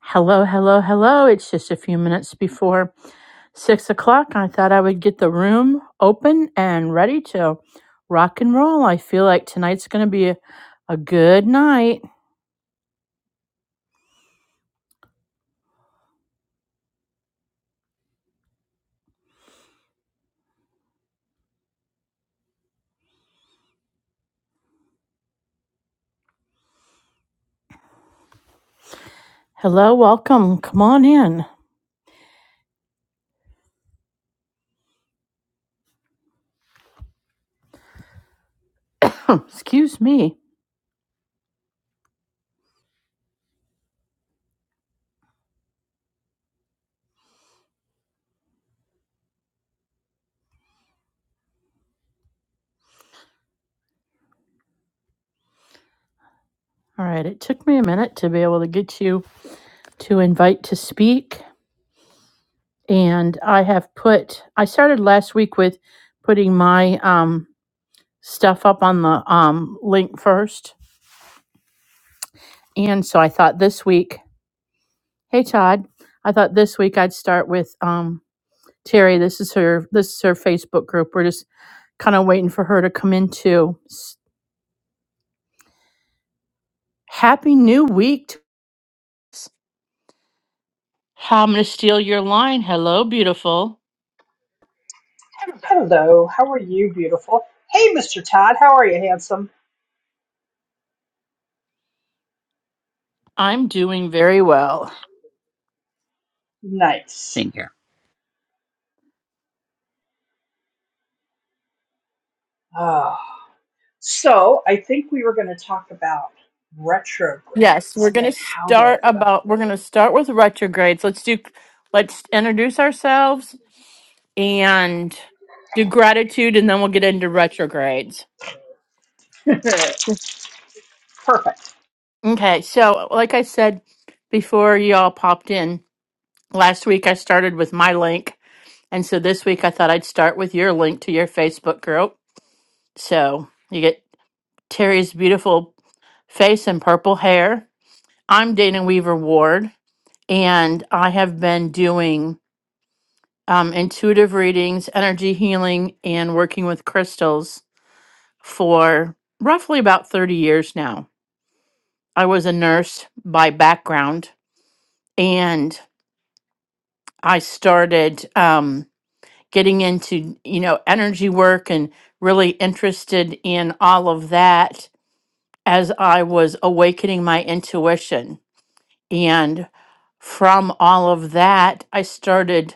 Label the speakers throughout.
Speaker 1: Hello, hello, hello. It's just a few minutes before six o'clock. I thought I would get the room open and ready to rock and roll. I feel like tonight's going to be a, a good night. Hello, welcome. Come on in. Excuse me. All right, it took me a minute to be able to get you to invite to speak. And I have put, I started last week with putting my um, stuff up on the um, link first. And so I thought this week, Hey Todd, I thought this week I'd start with um, Terry. This is her. This is her Facebook group. We're just kind of waiting for her to come into. S- Happy New Week. To us. How I'm gonna steal your line. Hello, beautiful.
Speaker 2: Hello, how are you, beautiful? Hey, Mr. Todd, how are you, handsome?
Speaker 1: I'm doing very well.
Speaker 2: Nice.
Speaker 3: Same here.
Speaker 2: Ah. So, I think we were going to talk about
Speaker 1: Yes, we're
Speaker 2: retrogrades and
Speaker 1: gonna
Speaker 2: how they
Speaker 1: start
Speaker 2: affect
Speaker 1: about. We're gonna start with retrogrades. Let's do. Let's introduce ourselves and do gratitude, and then we'll get into retrogrades.
Speaker 2: it. Perfect.
Speaker 1: Okay, so like I said before, y'all popped in. Last week I started with my link, and so this week I thought I'd start with your link to your Facebook group. So you get Terry's beautiful face and purple hair. I'm Dana Weaver Ward, and I have been doing um, intuitive readings, energy healing, and working with crystals for roughly about 30 years now. I was a nurse by background, and I started. Um, getting into you know energy work and really interested in all of that as I was awakening my intuition and from all of that I started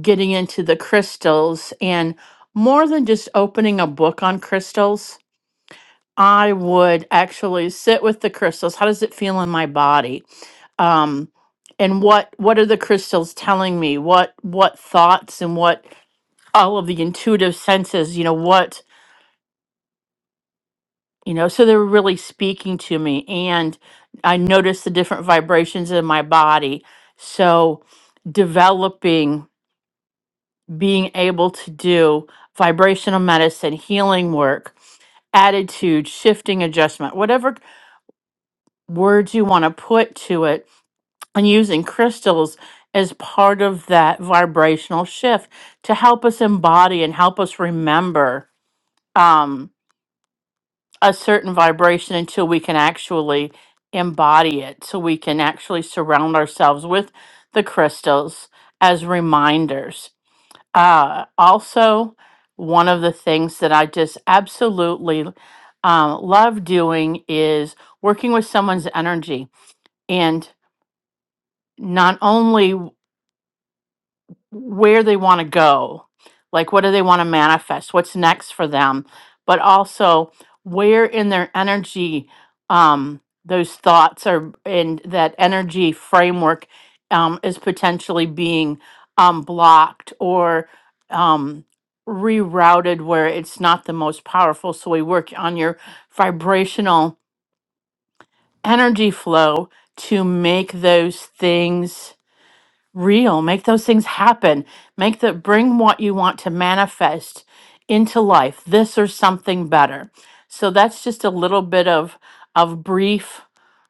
Speaker 1: getting into the crystals and more than just opening a book on crystals I would actually sit with the crystals how does it feel in my body um and what what are the crystals telling me what what thoughts and what all of the intuitive senses, you know, what, you know, so they were really speaking to me. And I noticed the different vibrations in my body. So developing, being able to do vibrational medicine, healing work, attitude, shifting adjustment, whatever words you want to put to it, and using crystals as part of that vibrational shift to help us embody and help us remember. Um, a certain vibration until we can actually embody it so we can actually surround ourselves with the crystals as reminders uh, also one of the things that i just absolutely um, love doing is working with someone's energy and not only where they want to go. Like, what do they want to manifest? What's next for them? But also, where in their energy um, those thoughts are, and that energy framework um, is potentially being um, blocked or um, rerouted where it's not the most powerful. So, we work on your vibrational energy flow to make those things real make those things happen make the bring what you want to manifest into life this or something better so that's just a little bit of of brief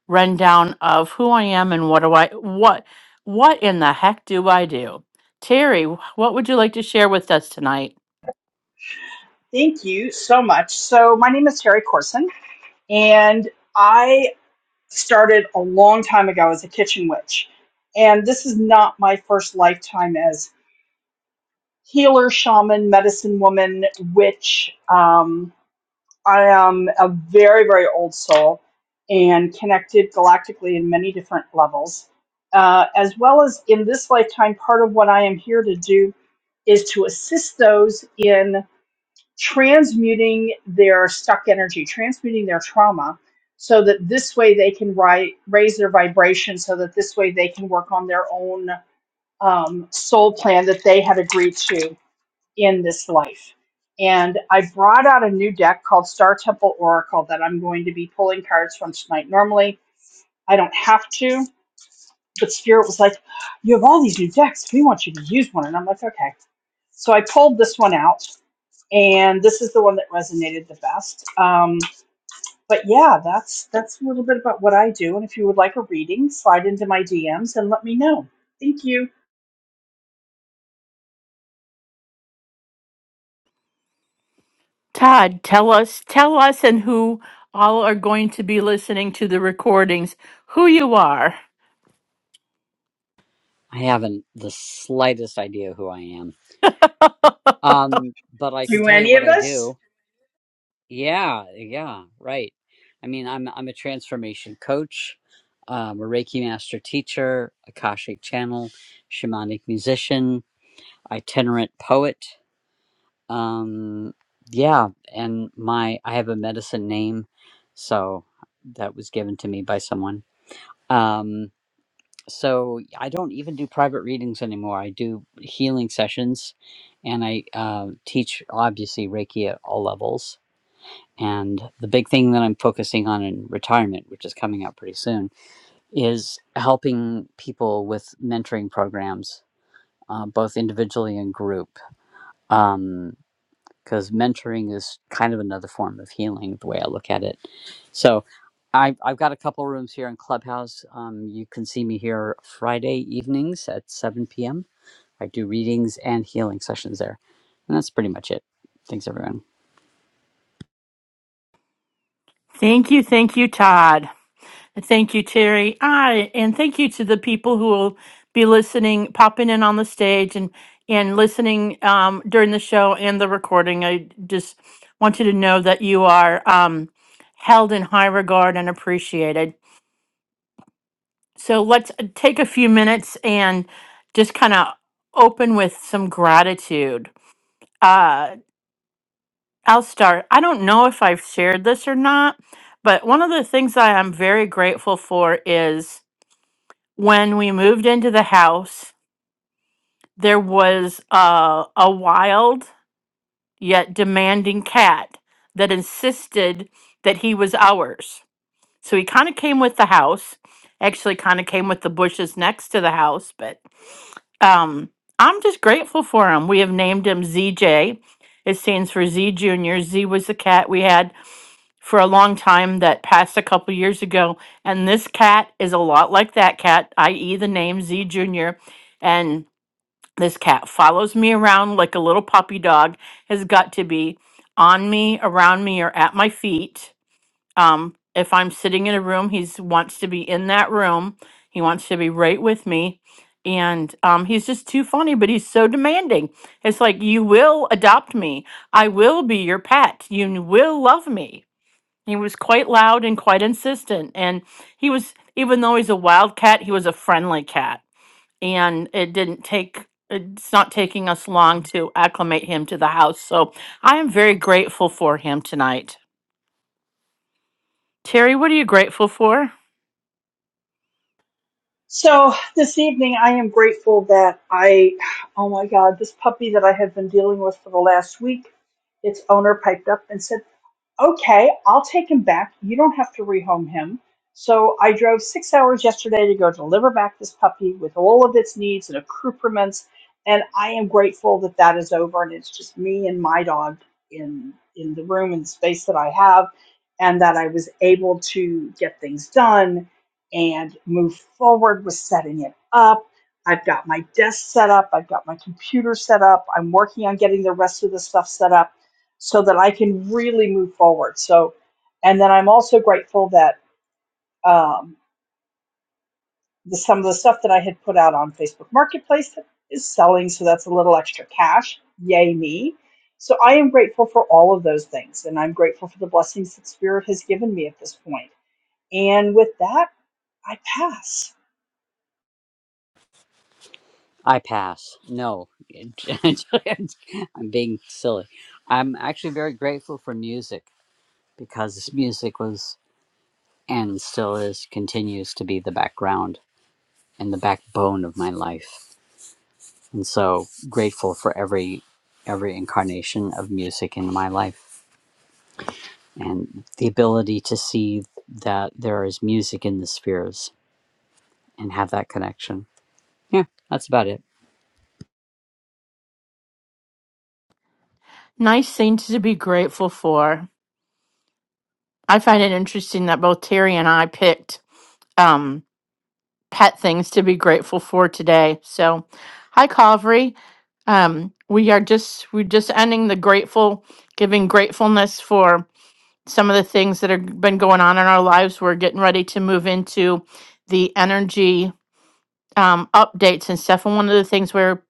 Speaker 1: rundown of who i am and what do i what what in the heck do i do terry wh- what would you like to share with us tonight
Speaker 2: Thank you so much. So, my name is Terry Corson, and I started a long time ago as a kitchen witch. And this is not my first lifetime as healer, shaman, medicine woman, witch. Um, I am a very, very old soul and connected galactically in many different levels. Uh, as well as in this lifetime, part of what I am here to do is to assist those in transmuting their stuck energy, transmuting their trauma, so that this way they can ri- raise their vibration, so that this way they can work on their own um, soul plan that they had agreed to in this life. And I brought out a new deck called Star Temple Oracle that I'm going to be pulling cards from tonight. Normally, I don't have to, but Spirit was like, You have all these new decks. We want you to use one. And I'm like, Okay. So I pulled this one out, and this is the one that resonated the best. Um, but yeah, that's that's a little bit about what I do. And if you would like a reading, slide into my DMs and let me know. Thank you.
Speaker 1: todd tell us tell us and who all are going to be listening to the recordings who you are
Speaker 3: I haven't the slightest idea who I am. Um, but I can
Speaker 2: Do
Speaker 3: tell you
Speaker 2: any
Speaker 3: what
Speaker 2: of
Speaker 3: I
Speaker 2: us?
Speaker 3: do. Yeah, yeah, right. I mean, I'm I'm a transformation coach, um, a Reiki master teacher, Akashic channel, shamanic musician, itinerant poet. Um, yeah, and my I have a medicine name, so that was given to me by someone. Um. so I don't even do private readings anymore. I do healing sessions, and I uh, teach obviously Reiki at all levels. And the big thing that I'm focusing on in retirement, which is coming up pretty soon, is helping people with mentoring programs, uh, both individually and group. Um, because mentoring is kind of another form of healing the way i look at it so I, have i've got a couple rooms here in clubhouse um, you can see me here friday evenings at 7 p.m i do readings and healing sessions there and that's pretty much it thanks everyone
Speaker 1: thank you thank you todd Thank you, Terry. I and thank you to the people who will be listening, popping in on the stage and and listening um, during the show and the recording. I just want you to know that you are um, held in high regard and appreciated. So let's uh, take a few minutes and just kind of open with some gratitude. Uh, I'll start. I don't know if I've shared this or not, but one of the things I am very grateful for is. when we moved into the house, there was uh, a wild yet demanding cat that insisted that he was ours. So he kind of came with the house, actually, kind of came with the bushes next to the house. But um, I'm just grateful for him. We have named him ZJ. It stands for Z Junior. Z was the cat we had for a long time that passed a couple years ago. And this cat is a lot like that cat, i.e., the name Z Junior. And this cat follows me around like a little puppy dog, has got to be on me, around me, or at my feet um, if I'm sitting in a room, he's wants to be in that room. He wants to be right with me. And um, he's just too funny, but he's so demanding. It's like, you will adopt me. I will be your pet. You n- will love me. He was quite loud and quite insistent. And he was, even though he's a wild cat, he was a friendly cat. And it didn't take, it's not taking us long to acclimate him to the house. So I am very grateful for him tonight. Terry, what are you grateful for?
Speaker 2: So this evening, I am grateful that I, oh my God, this puppy that I have been dealing with for the last week, its owner piped up and said, okay, I'll take him back. You don't have to rehome him. So I drove six hours yesterday to go deliver back this puppy with all of its needs and accoutrements. And I am grateful that that is over and it's just me and my dog in in the room and space that I have, and that I was able to get things done and move forward with setting it up. I've got my desk set up. I've got my computer set up. I'm working on getting the rest of the stuff set up so that I can really move forward. So, and then I'm also grateful that um, the, some of the stuff that I had put out on Facebook Marketplace that is selling, so that's a little extra cash. Yay me! So I am grateful for all of those things, and I'm grateful for the blessings that Spirit has given me at this point. And with that, I pass.
Speaker 3: i pass no i'm being silly i'm actually very grateful for music because this music was and still is continues to be the background and the backbone of my life and so grateful for every every incarnation of music in my life and the ability to see that there is music in the spheres and have that connection yeah that's about it
Speaker 1: Nice thing to be grateful for. I find it interesting that both Terry and I picked um, pet things to be grateful for today. So, hi, Calvary. Um, we are just we're just ending the grateful, giving gratefulness for some of the things that have been going on in our lives. We're getting ready to move into the energy um, updates and stuff. And one of the things we're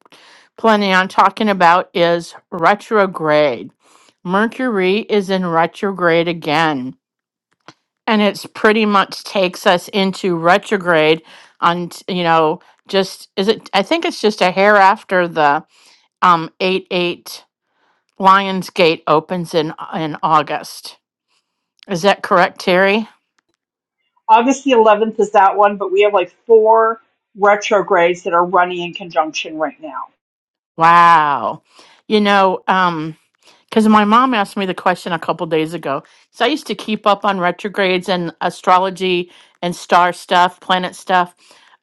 Speaker 1: planning on talking about is retrograde. Mercury is in retrograde again, and it's pretty much takes us into retrograde on, t- you know, just is it? I think it's just a hair after the um eight eight Lionsgate opens in in August. Is that correct, Terry?
Speaker 2: August the 11th is that one, but we have like four retrogrades that are running in conjunction right now.
Speaker 1: Wow. You know, um, Because my mom asked me the question a couple days ago. So I used to keep up on retrogrades and astrology and star stuff, planet stuff,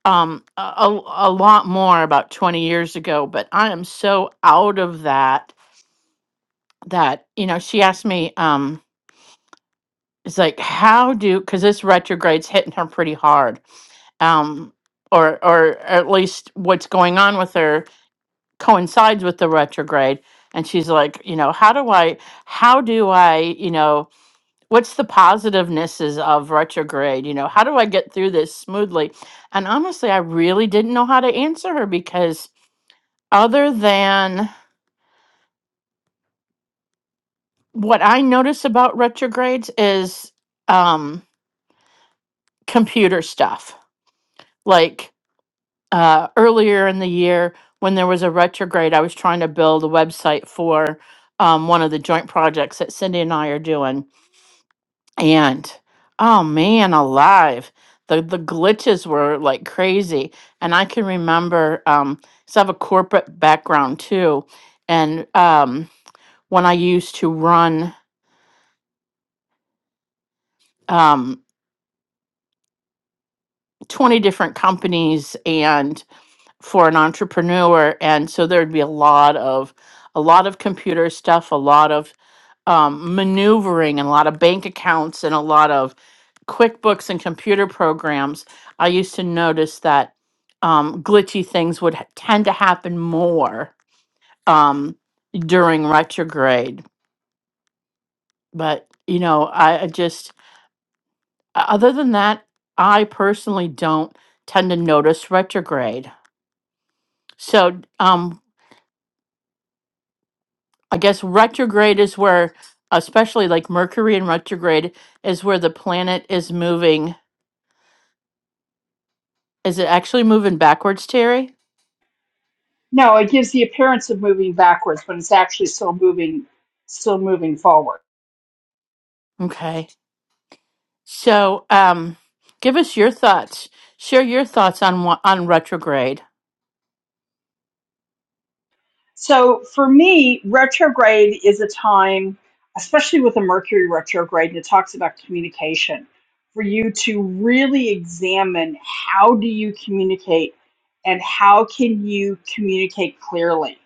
Speaker 1: um, a, a a lot more about 20 years ago. But I am so out of that that, you know, she asked me, um, it's like, how do, because this retrograde's hitting her pretty hard. Um, or, or at least what's going on with her coincides with the retrograde. And she's like, you know, how do I, how do I, you know, what's the positivenesses of retrograde you know how do i get through this smoothly and honestly i really didn't know how to answer her because other than what i notice about retrogrades is um computer stuff like uh earlier in the year when there was a retrograde i was trying to build a website for um, one of the joint projects that cindy and i are doing And oh man, alive. The the glitches were like crazy. And I can remember um 'cause I have a corporate background too. And um when I used to run um 20 different companies and for an entrepreneur and so there'd be a lot of a lot of computer stuff, a lot of um, maneuvering and a lot of bank accounts and a lot of QuickBooks and computer programs, I used to notice that um, glitchy things would ha- tend to happen more um, during retrograde. But, you know, I, I just, other than that, I personally don't tend to notice retrograde. So um, I guess retrograde is where, especially like Mercury in retrograde, is where the planet is moving. Is it actually moving backwards, Terry?
Speaker 2: No, it gives the appearance of moving backwards, but it's actually still moving, still moving forward.
Speaker 1: Okay. So, um, give us your thoughts. Share your thoughts on wha- on retrograde.
Speaker 2: So for me, retrograde is a time, especially with a Mercury retrograde, and it talks about communication, for you to really examine how do you communicate and how can you communicate clearly.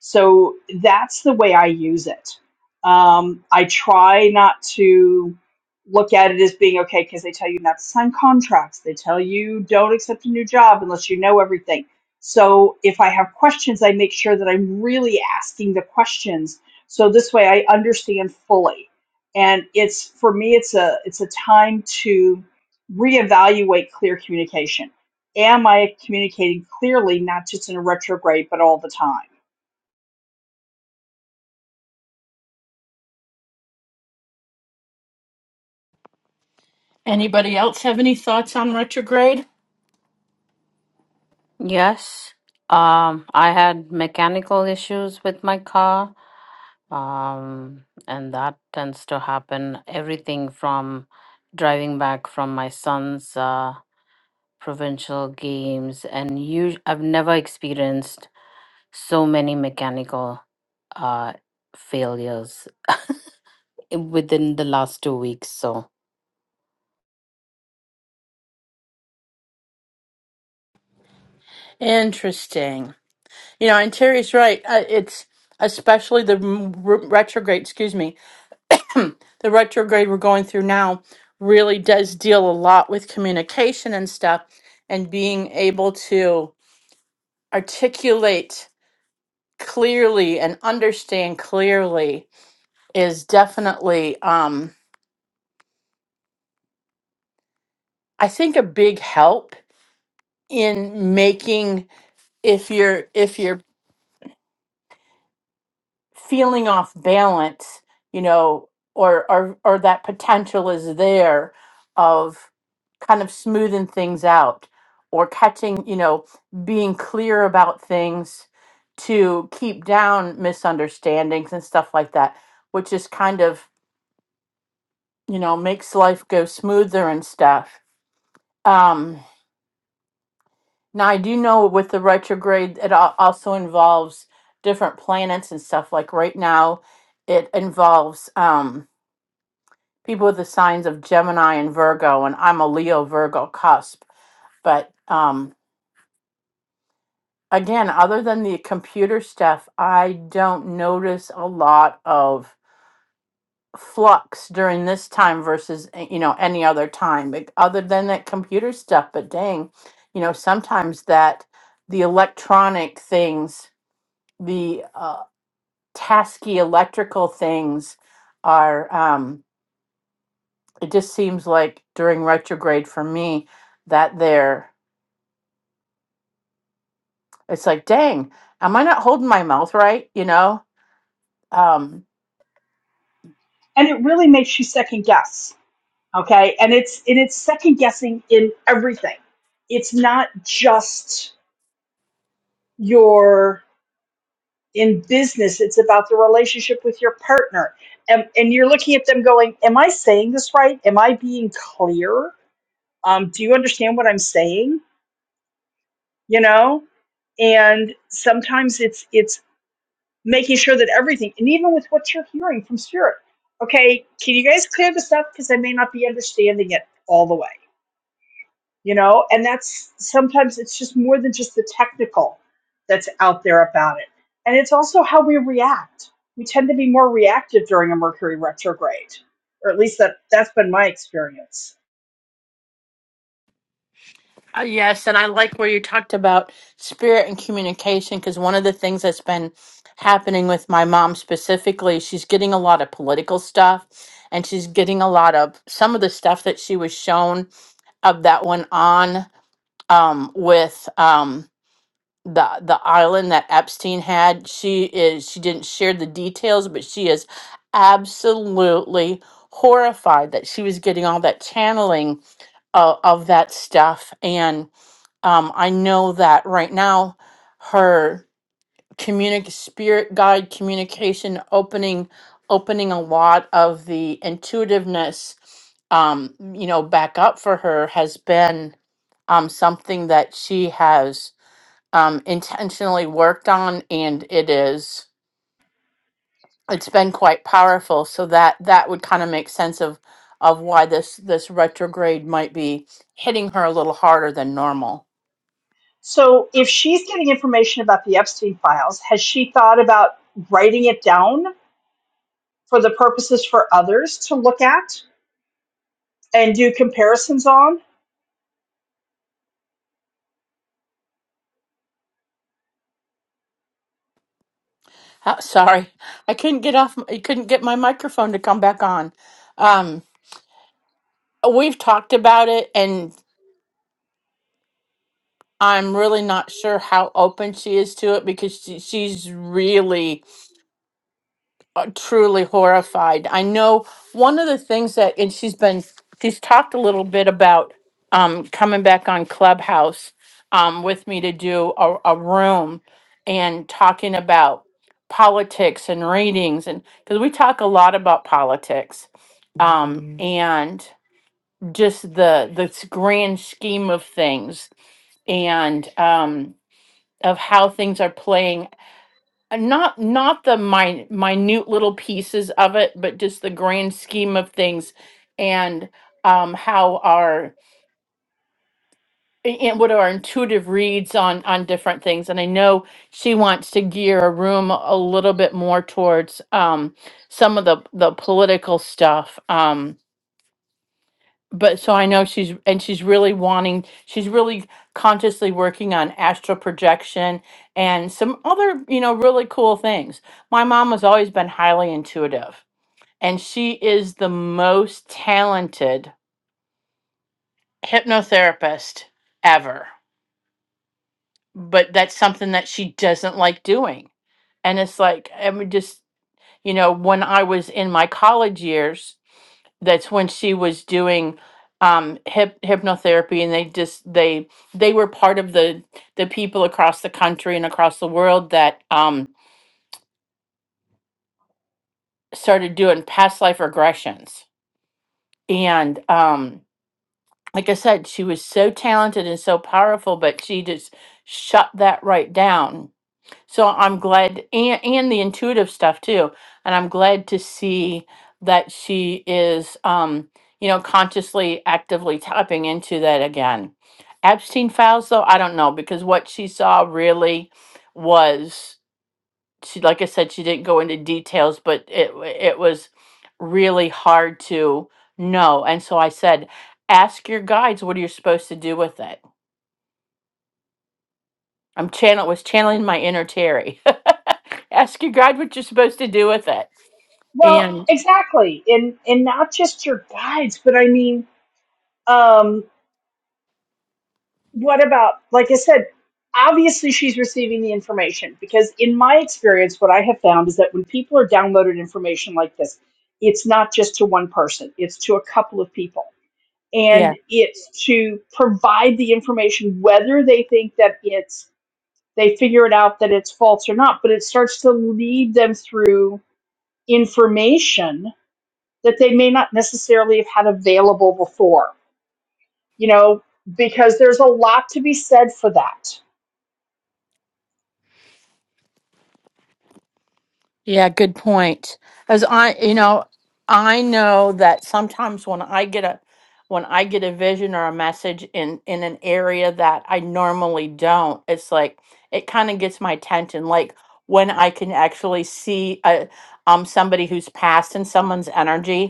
Speaker 2: So that's the way I use it. Um, I try not to look at it as being okay because they tell you not to sign contracts. They tell you don't accept a new job unless you know everything so if I have questions, I make sure that I'm really asking the questions. So this way I understand fully. And it's for me it's a it's a time to reevaluate clear communication. Am I communicating clearly, not just in a retrograde, but all the time?
Speaker 1: Anybody else have any thoughts on retrograde?
Speaker 4: Yes, um, I had mechanical issues with my car, um, and that tends to happen. Everything from driving back from my son's uh, provincial games, and you, I've never experienced so many mechanical uh, failures i- within the last two weeks. So
Speaker 1: Interesting. You know, and Terry's right. Uh, it's especially the m- re- retrograde. Excuse me, the retrograde we're going through now really does deal a lot with communication and stuff, and being able to articulate clearly and understand clearly is definitely. um. I think a big help in making if you're if you're feeling off balance, you know, or or or that potential is there of kind of smoothing things out or catching, you know, being clear about things to keep down misunderstandings and stuff like that, which is kind of, you know, makes life go smoother and stuff. Um Now, I do know with the retrograde, it al- also involves different planets and stuff. Like right now, it involves um, people with the signs of Gemini and Virgo, and I'm a Leo Virgo cusp. But um, again, other than the computer stuff, I don't notice a lot of flux during this time versus eh, you know any other time like, other than that computer stuff but dang you know sometimes that the electronic things the uh, tasky electrical things are um it just seems like during retrograde for me that they're it's like dang am i not holding my mouth right you know um
Speaker 2: And it really makes you second guess. Okay. And it's and it's second guessing in everything. It's not just your in business it's about the relationship with your partner and, and you're looking at them going am i saying this right am i being clear um, do you understand what i'm saying you know and sometimes it's it's making sure that everything and even with what you're hearing from spirit okay can you guys clear this up because i may not be understanding it all the way you know and that's sometimes it's just more than just the technical that's out there about it and it's also how we react we tend to be more reactive during a mercury retrograde or at least that that's been my experience
Speaker 1: uh, yes and i like where you talked about spirit and communication because one of the things that's been happening with my mom specifically she's getting a lot of political stuff and she's getting a lot of some of the stuff that she was shown of that went on um, with Um, the the island that Epstein had. She is she didn't share the details, but she is absolutely horrified that she was getting all that channeling of, of that stuff. And um, I know that right now her communic spirit guide communication opening opening a lot of the intuitiveness um you know back up for her has been um something that she has um, intentionally worked on and it is it's been quite powerful so that that would kind of make sense of of why this this retrograde might be hitting her a little harder than normal
Speaker 2: so if she's getting information about the epstein files has she thought about writing it down for the purposes for others to look at and do comparisons on?
Speaker 1: Uh, sorry i couldn't get off I i couldn't get my microphone to come back on um we've talked about it and i'm really not sure how open she is to it because she, she's really uh, truly horrified. I know one of the things that, and she's been, she's talked a little bit about um, coming back on Clubhouse um, with me to do a, a room and talking about politics and readings, and because we talk a lot about politics um, Mhm. and just the the s- grand scheme of things and um, of how things are playing and not not the min- minute little pieces of it but just the grand scheme of things and um how our and what our intuitive reads on on different things and i know she wants to gear a room a little bit more towards um some of the the political stuff Um, but so I know she's and she's really wanting she's really consciously working on astral projection and some other, you know, really cool things. My mom has always been highly intuitive and she is the most talented hypnotherapist ever. But that's something that she doesn't like doing. And it's like I mean just, you know, when I was in my college years, that's when she was doing um hip hypnotherapy and they just they they were part of the the people across the country and across the world that um started doing past life regressions and um like i said she was so talented and so powerful but she just shut that right down So I'm glad, and, and the intuitive stuff too. And I'm glad to see that she is, um, you know, consciously, actively tapping into that again. Epstein files, though, I don't know because what she saw really was she, like I said, she didn't go into details, but it it was really hard to know. And so I said, ask your guides what are you supposed to do with it I'm channel was channeling my inner Terry. Ask your God what you're supposed to do with it.
Speaker 2: Well,
Speaker 1: And
Speaker 2: exactly. And and not just your guides, but I mean, um, what about like I said, obviously she's receiving the information because in my experience, what I have found is that when people are downloaded information like this, it's not just to one person, it's to a couple of people.
Speaker 1: yeah,
Speaker 2: And it's to provide the information whether they think that it's they figure it out that it's false or not, but it starts to lead them through information that they may not necessarily have had available before, you know, because there's a lot to be said for that.
Speaker 1: yeah, good point. As I, you know, I know that sometimes when I get a when I get a vision or a message in in an area that I normally don't, it's like it kind of gets my attention. Like when I can actually see a um somebody who's passed in someone's energy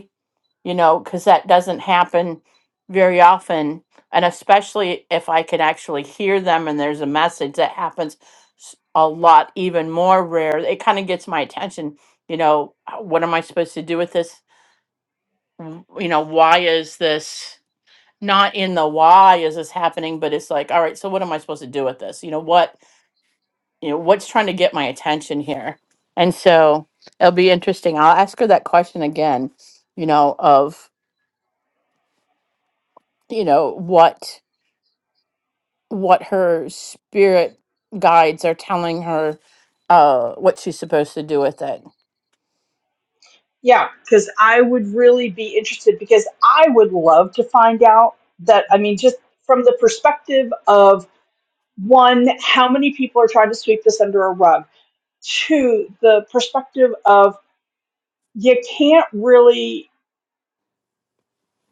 Speaker 1: you know, because that doesn't happen very often. And especially if I can actually hear them and there's a message that happens s- a lot, even more rare. It kind of gets my attention, you know, "Uh, what am I supposed to do with this? W- You know, why is this not in the why is this happening? But it's like, all right, so what am I supposed to do with this? You know, what, you know, what's trying to get my attention here? And so it'll be interesting. I'll ask her that question again, you know, of, you know, what what her spirit guides are telling her uh what she's supposed to do with it.
Speaker 2: Yeah, because I would really be interested because I would love to find out that, I mean, just from the perspective of one, how many people are trying to sweep this under a rug? Two, the perspective of you can't really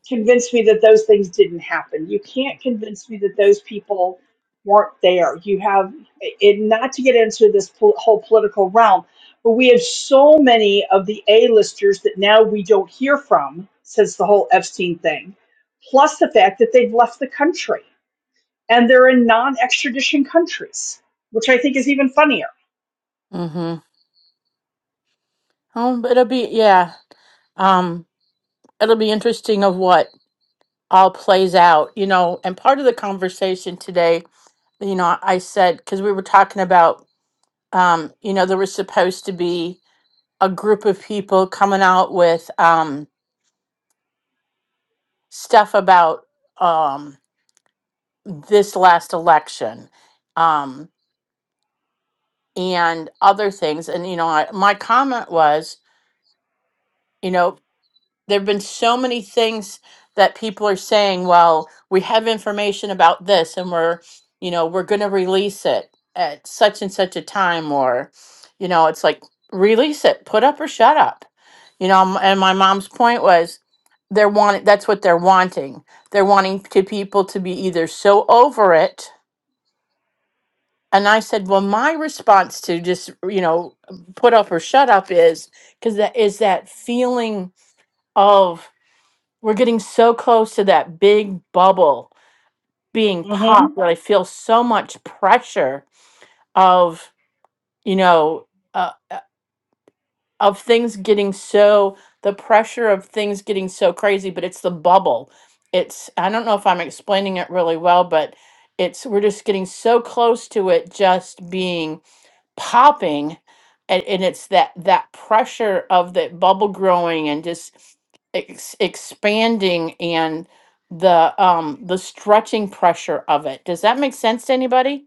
Speaker 2: convince me that those things didn't happen. You can't convince me that those people weren't there. You have, and not to get into this pol- whole political realm, but we have so many of the A-listers that now we don't hear from since the whole Epstein thing, plus the fact that they've left the country and they're in non-extradition countries, which I think is even funnier.
Speaker 1: Mhm. Um it'll be yeah. Um it'll be interesting of what all plays out, you know, and part of the conversation today, you know, I said cuz we were talking about um you know there was supposed to be a group of people coming out with um, stuff about um, this last election um, and other things. And, you know, I, my comment was, you know, there have been so many things that people are saying well we have information about this and we're you know we're going to release it at such and such a time or you know it's like release it put up or shut up you know m- and my mom's point was they're wanting that's what they're wanting they're wanting to people to be either so over it and i said well my response to just you know put up or shut up is because that is that feeling of we're getting so close to that big bubble being
Speaker 2: hmm
Speaker 1: popped that I feel so much pressure of, you know, uh, uh, of things getting so, the pressure of things getting so crazy, but it's the bubble. It's, I don't know if I'm explaining it really well, but it's, we're just getting so close to it just being popping and, and it's that that pressure of the bubble growing and just ex- expanding and the um the stretching pressure of it does that make sense to anybody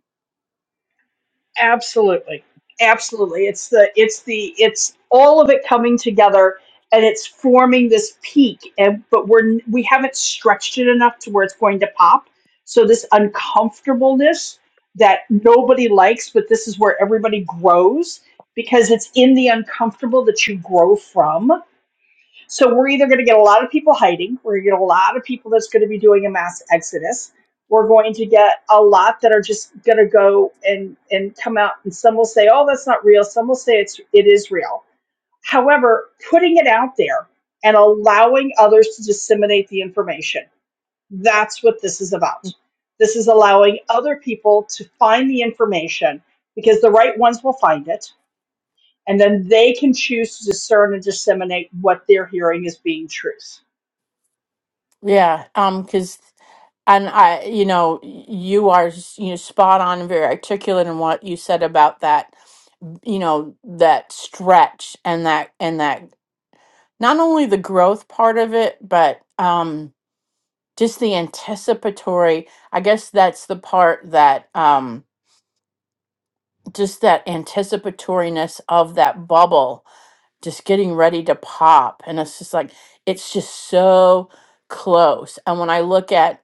Speaker 2: Absolutely. Absolutely. It's the it's the it's all of it coming together and it's forming this peak and but we're n- we haven't stretched it enough to where it's going to pop. So this uncomfortableness that nobody likes, but this is where everybody grows because it's in the uncomfortable that you grow from so we're either going to get a lot of people hiding, we're going to get a lot of people that's going to be doing a mass exodus. We're going to get a lot that are just going to go and and come out, and some will say, "Oh, that's not real." Some will say it's it is real. However, putting it out there and allowing others to disseminate the information that's what this is about. This is allowing other people to find the information because the right ones will find it, and then they can choose to discern and disseminate what they're hearing as being truth
Speaker 1: yeah um because and i you know y- you are s- you know spot on and very articulate in what you said about that you know that stretch and that and that not only the growth part of it but um. just the anticipatory i guess that's the part that um just that anticipatoriness of that bubble just getting ready to pop and it's just like it's just so close and when i look at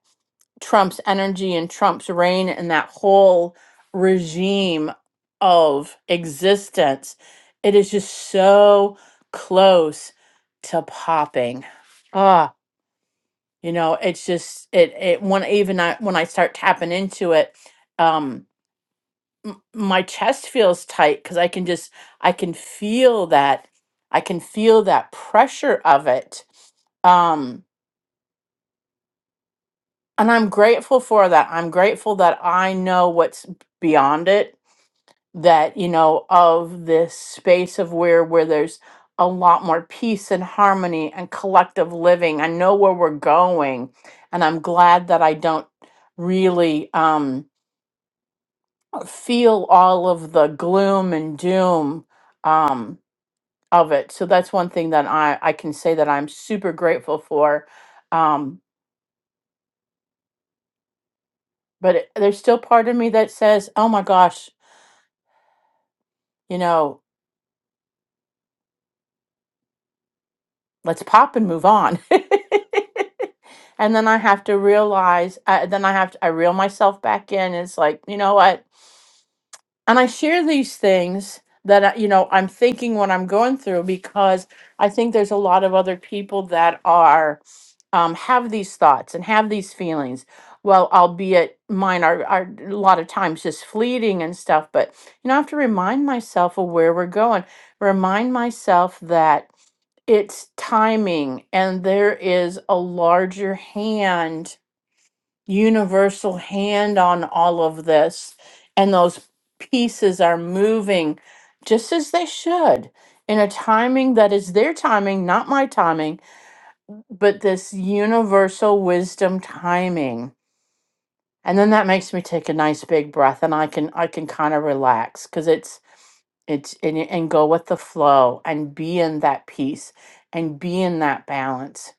Speaker 1: trump's energy and trump's reign and that whole regime of existence it is just so close to popping Ah. you know it's just it it when even I, when i start tapping into it um m- my chest feels tight because i can just i can feel that i can feel that pressure of it um and i'm grateful for that i'm grateful that i know what's beyond it that you know of this space of where where there's a lot more peace and harmony and collective living i know where we're going and i'm glad that i don't really um feel all of the gloom and doom um of it so that's one thing that i i can say that i'm super grateful for um but it, there's still part of me that says oh my gosh you know let's pop and move on. and then I have to realize, uh, then I have to, I reel myself back in. It's like, you know what? And I share these things that, I- you know, I'm thinking what I'm going through because I think there's a lot of other people that are, um, have these thoughts and have these feelings. Well, albeit mine are, are a lot of times just fleeting and stuff, but, you know, I have to remind myself of where we're going, remind myself that it's timing and there is a larger hand universal hand on all of this and those pieces are moving just as they should in a timing that is their timing not my timing but this universal wisdom timing and then that makes me take a nice big breath and i can i can kind of relax because it's it's and, and go with the flow and be in that peace and be in that balance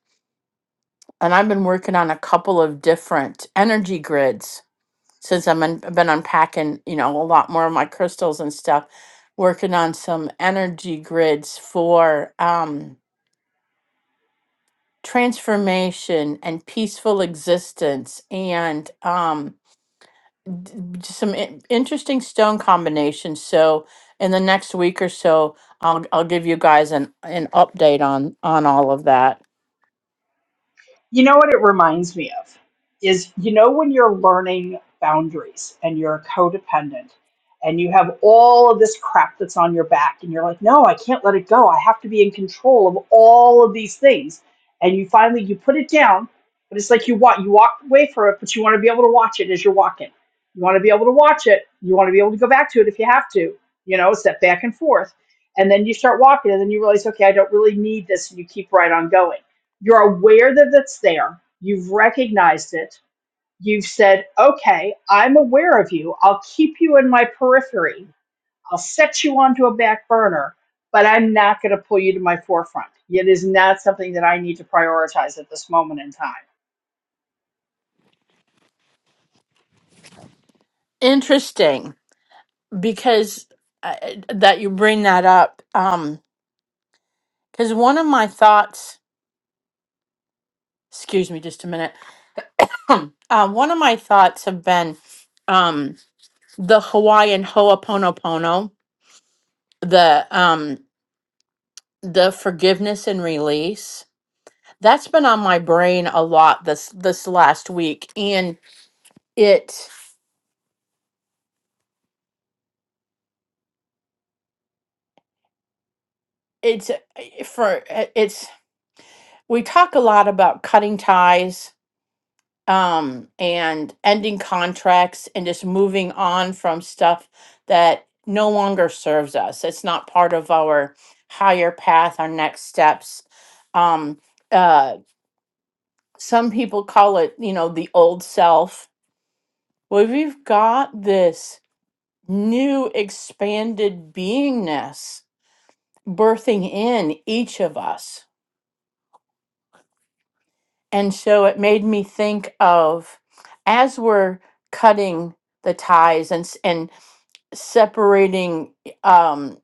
Speaker 1: and I've been working on a couple of different energy grids since I'm un- I've been unpacking, you know, a lot more of my crystals and stuff. Working on some energy grids for um, transformation and peaceful existence, and um, d- d- some in- interesting stone combinations. So, in the next week or so, I'll I'll give you guys an an update on on all of that.
Speaker 2: You know what it reminds me of is you know when you're learning boundaries and you're a codependent and you have all of this crap that's on your back and you're like, "No, I can't let it go. I have to be in control of all of these things." And you finally you put it down, but it's like you want you walk away from it, but you want to be able to watch it as you're walking. You want to be able to watch it. You want to be able to go back to it if you have to. You know, step back and forth. And then you start walking and then you realize, "Okay, I don't really need this." And you keep right on going you're aware that it's there. You've recognized it. You've said, okay, I'm aware of you. I'll keep you in my periphery. I'll set you onto a back burner, but I'm not going to pull you to my forefront. It is not something that I need to prioritize at this moment in time.
Speaker 1: Interesting. because uh, that you bring that up um because one of my thoughts excuse me just a minute uh, one of my thoughts have been um the hawaiian ho'oponopono the um the forgiveness and release that's been on my brain a lot this this last week and it it's uh, for eh, it's we talk a lot about cutting ties um, and ending contracts and just moving on from stuff that no longer serves us. It's not part of our higher path, our next steps. Um, uh, some people call it, you know, the old self. Well, we've got this new expanded beingness birthing in each of us. And so it made me think of as we're cutting the ties and s- and separating um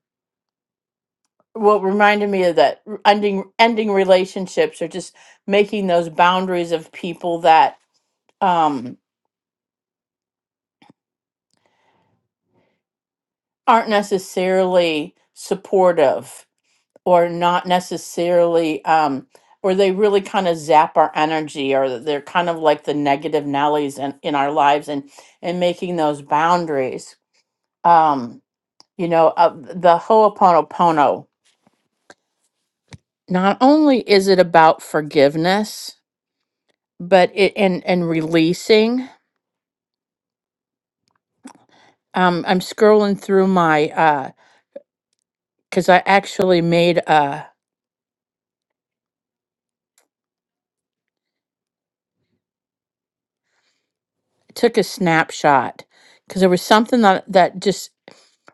Speaker 1: what reminded me of that r- ending ending relationships or just making those boundaries of people that um aren't necessarily supportive or not necessarily um or they really kind of zap our energy or they're kind of like the negative nellies in, in our lives and and making those boundaries um you know uh, the ho'oponopono not only is it about forgiveness but it and and releasing um i'm scrolling through my uh because i actually made a took a snapshot because there was something that that just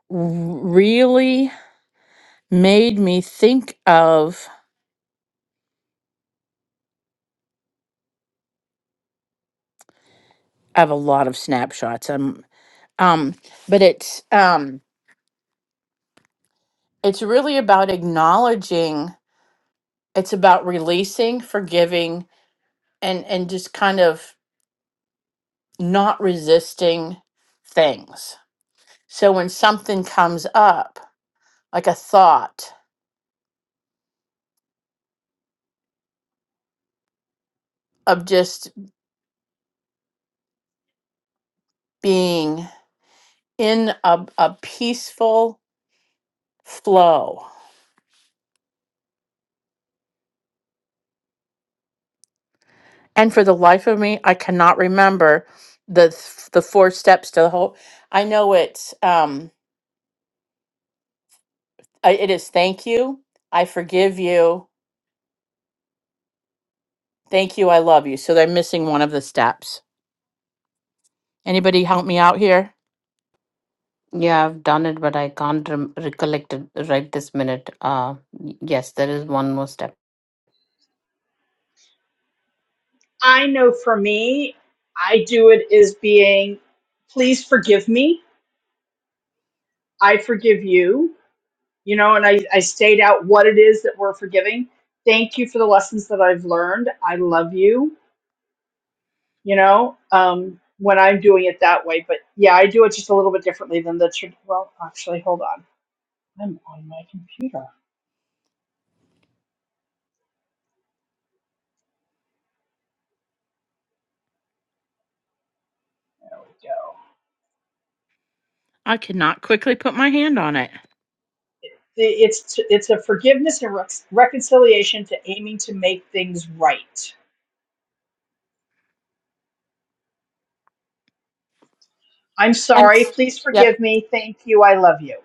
Speaker 1: r- really made me think of i have a lot of snapshots um um but it's um it's really about acknowledging it's about releasing forgiving and and just kind of not resisting things so when something comes up like a thought of just being in a, a peaceful flow. And for the life of me, I cannot remember the the four steps to the whole. I know it's um, I- it is thank you, I forgive you, thank you, I love you. So they're missing one of the steps. Anybody help me out here?
Speaker 4: yeah, I've done it, but I can't rem recollect it right this minute. Uh, y- yes, there is one more step.
Speaker 2: I know for me, I do it as being, please forgive me. I forgive you. You know, and I, I state out what it is that we're forgiving. Thank you for the lessons that I've learned. I love you you know, um, when I'm doing it that way. But yeah, I do it just a little bit differently than the, tr- well, actually, hold on. I'm on my computer. There we go.
Speaker 1: I cannot quickly put my hand on it.
Speaker 2: The- It's t- it's a forgiveness and rec- reconciliation to aiming to make things right. I'm
Speaker 1: I'm.
Speaker 2: sorry. Please
Speaker 1: Yep.
Speaker 2: forgive me. Thank you. I love you.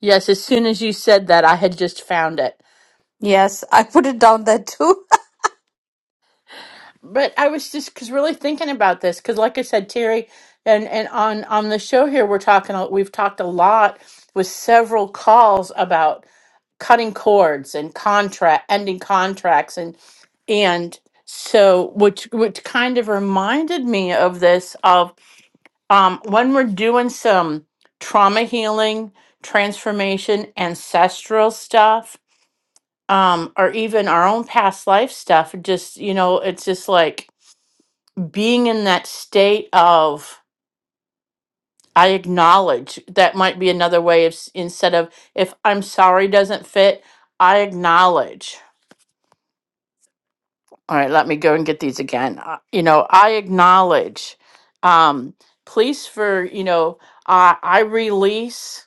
Speaker 1: Yes. As soon as you said that, I had just found it.
Speaker 4: Yes, I put it down there too.
Speaker 1: But I was just cause really thinking about this because, like I said, Terry, and and on on the show here, we're talking. a- We've talked a lot with several calls about cutting cords and contract ending contracts and and so which which kind of reminded me of this of um when we're doing some trauma healing transformation ancestral stuff um or even our own past life stuff just you know it's just like being in that state of I acknowledge that might be another way of s- instead of if I'm sorry doesn't fit, I acknowledge. All right, let me go and get these again. Uh, you know, I acknowledge. Um, please for you know, uh, I release.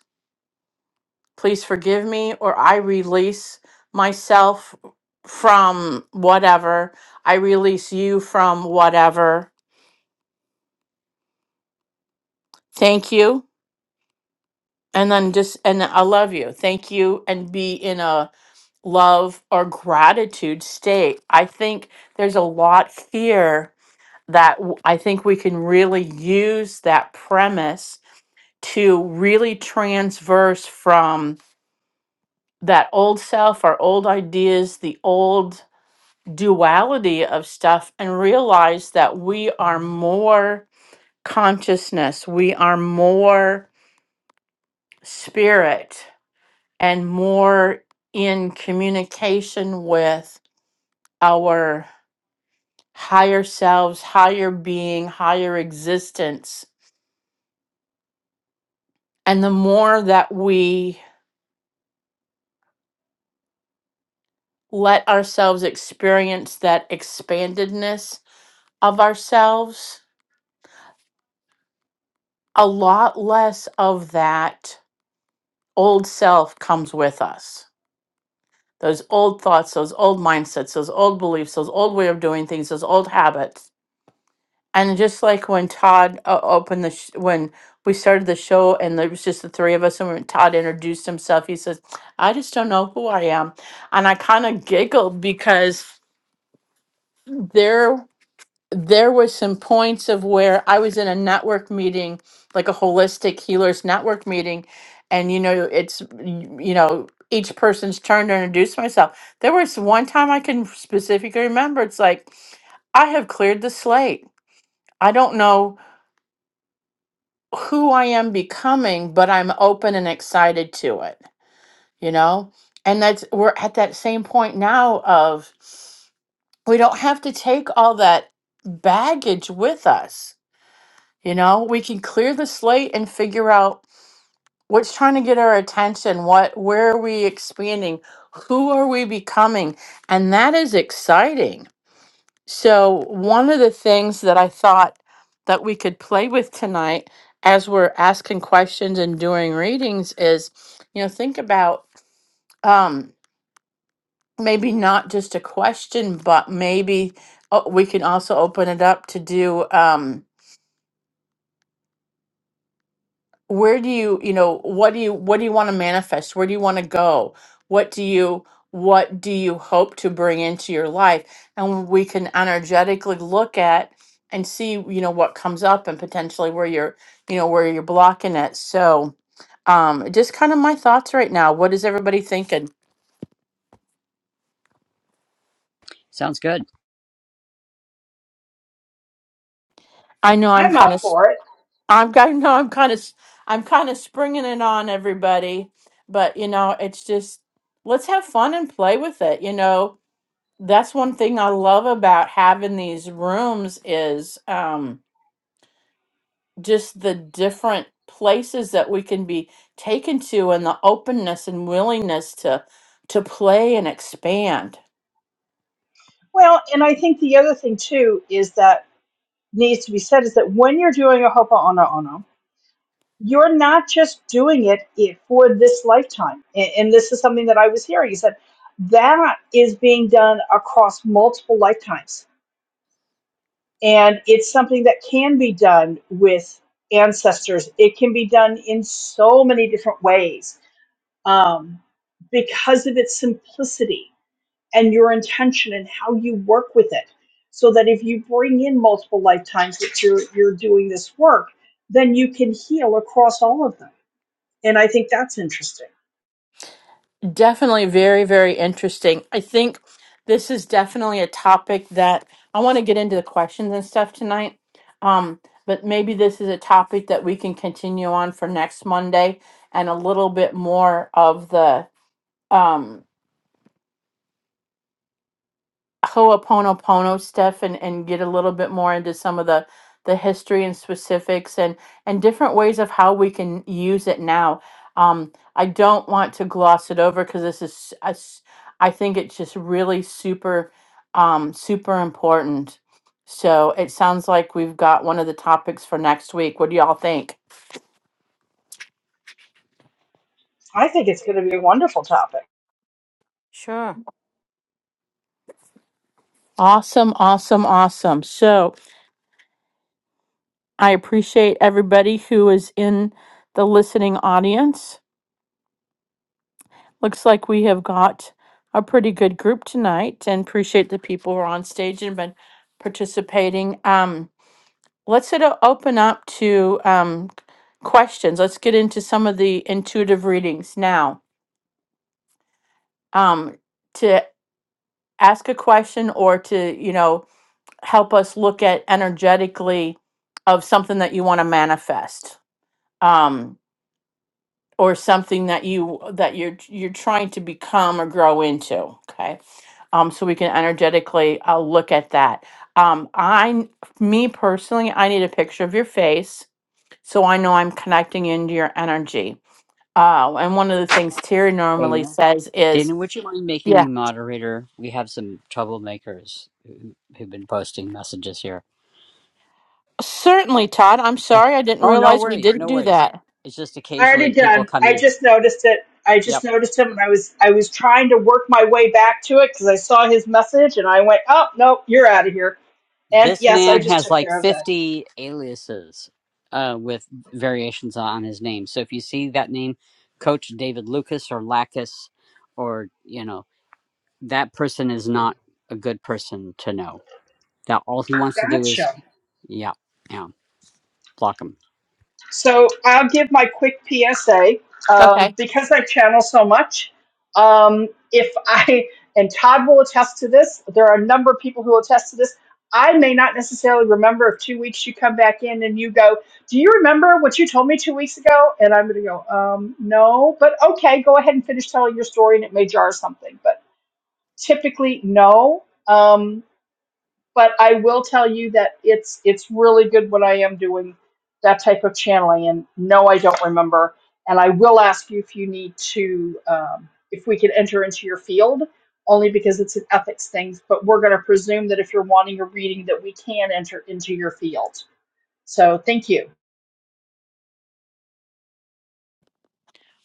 Speaker 1: Please forgive me, or I release myself from whatever. I release you from whatever. Thank you and then just and i love you thank you and be in a love or gratitude state i think there's a lot here that w- i think we can really use that premise to really transverse from that old self our old ideas the old duality of stuff and realize that we are more consciousness we are more spirit and more in communication with our higher selves, higher being, higher existence. And the more that we let ourselves experience that expandedness of ourselves, a lot less of that old self comes with us. Those old thoughts, those old mindsets, those old beliefs, those old way of doing things, those old habits And just like when Todd uh, opened the sh- when we started the show, and there was just the three of us, and when Todd introduced himself, he says, "I just don't know who I am," and I kind of giggled because there there was some points of where I was in a network meeting, like a holistic healers network meeting, and you know it's y- you know each person's turn to introduce myself. There was one time I can specifically remember. It's like I have cleared the slate. I don't know. who I am becoming, but I'm open and excited to it, you know? And that's, we're at that same point now of we don't have to take all that baggage with us, you know? We can clear the slate and figure out what's trying to get our attention, what, where are we expanding, who are we becoming? And that is exciting so, one of the things that I thought that we could play with tonight as we're asking questions and doing readings is, you know, think about um, maybe not just a question, but maybe oh, we can also open it up to do. Um, where do you you know what do you what do you want to manifest where do you want to go what do you what do you hope to bring into your life and we can energetically look at and see you know what comes up and potentially where you're you know where you're blocking it so um just kind of my thoughts right now what is everybody thinking
Speaker 3: sounds good
Speaker 1: i know i'm
Speaker 2: I'm up
Speaker 1: kind of
Speaker 2: for it.
Speaker 1: i'm kind know i'm kind of i'm kind of springing it on everybody but you know it's just let's have fun and play with it you know that's one thing I love about having these rooms is um, just the different places that we can be taken to and the openness and willingness to to play and expand.
Speaker 2: Well, and I think the other thing too is that needs to be said is that when you're doing a hopa you're not just doing it i- for this lifetime. A- And this is something that I was hearing. He said that is being done across multiple lifetimes. And it's something that can be done with ancestors. It can be done in so many different ways um, because of its simplicity and your intention and how you work with it. So that if you bring in multiple lifetimes that you're, you're doing this work, then you can heal across all of them and I think that's interesting.
Speaker 1: Definitely very, very interesting. I think this is definitely a topic that I want to get into the questions and stuff tonight. Um, but maybe this is a topic that we can continue on for next Monday and a little bit more of the um Ho'oponopono stuff and, and get a little bit more into some of the the history and specifics and and different ways of how we can use it now. Um, I don't want to gloss it over because this is I s- I think it's just really super um, super important. So it sounds like we've got one of the topics for next week. What do y'all think?
Speaker 2: I think it's going to be a wonderful topic.
Speaker 4: Sure.
Speaker 1: Awesome, awesome, awesome. So I appreciate everybody who is in the listening audience. Looks like we have got a pretty good group tonight and appreciate the people who are on stage and been participating. Um, let's sort of open up to um, questions. Let's get into some of the intuitive readings now. Um, to ask a question or to, you know, help us look at energetically of something that you want to manifest. Um, or something that you that you're you're trying to become or grow into okay um so we can energetically uh, look at that um i n- me personally i need a picture of your face so i know i'm connecting into your energy uh and one of the things terry normally
Speaker 3: dana
Speaker 1: says is
Speaker 3: dana would you mind making
Speaker 1: yeah,
Speaker 3: me moderator we have some troublemakers who, who've been posting messages here
Speaker 1: Certainly, Todd. I'm sorry I didn't
Speaker 3: oh no
Speaker 1: realize we
Speaker 3: worry
Speaker 1: didn't
Speaker 3: no
Speaker 1: do
Speaker 3: worries
Speaker 1: that.
Speaker 3: it's just
Speaker 2: I already
Speaker 3: occasionally people
Speaker 2: done.
Speaker 3: come
Speaker 2: I
Speaker 3: in
Speaker 2: just noticed it. I
Speaker 3: Yep.
Speaker 2: just noticed him, and I was I was trying to work my way back to it because I saw his message, and I went, "Oh no, you're out of here." And
Speaker 3: This
Speaker 2: yes, I
Speaker 3: man
Speaker 2: just
Speaker 3: has
Speaker 2: took
Speaker 3: like
Speaker 2: care of that.
Speaker 3: 50 aliases uh, with variations on his name. So if you see that name, Coach David Lucas or Lacus, or, you know, that person is not a good person to know. That all he wants to do
Speaker 2: Gotcha.
Speaker 3: is, yeah, yeah, block him.
Speaker 2: So I'll give my quick PSA um,
Speaker 1: Okay.
Speaker 2: because I channel so much. Um, if I and Todd will attest to this, there are a number of people who will attest to this. I may not necessarily remember if two weeks you come back in and you go, "Do you remember what you told me two weeks ago?" And I'm going to go, um, "No," but okay, go ahead and finish telling your story, and it may jar something. But typically, no. Um, but I will tell you that it's it's really good when I am doing that type of channeling. And no, I don't remember. And I will ask you if you need to um, if we could enter into your field, only because it's an ethics thing. But we're going to presume that if you're wanting a reading, that we can enter into your field. So thank you.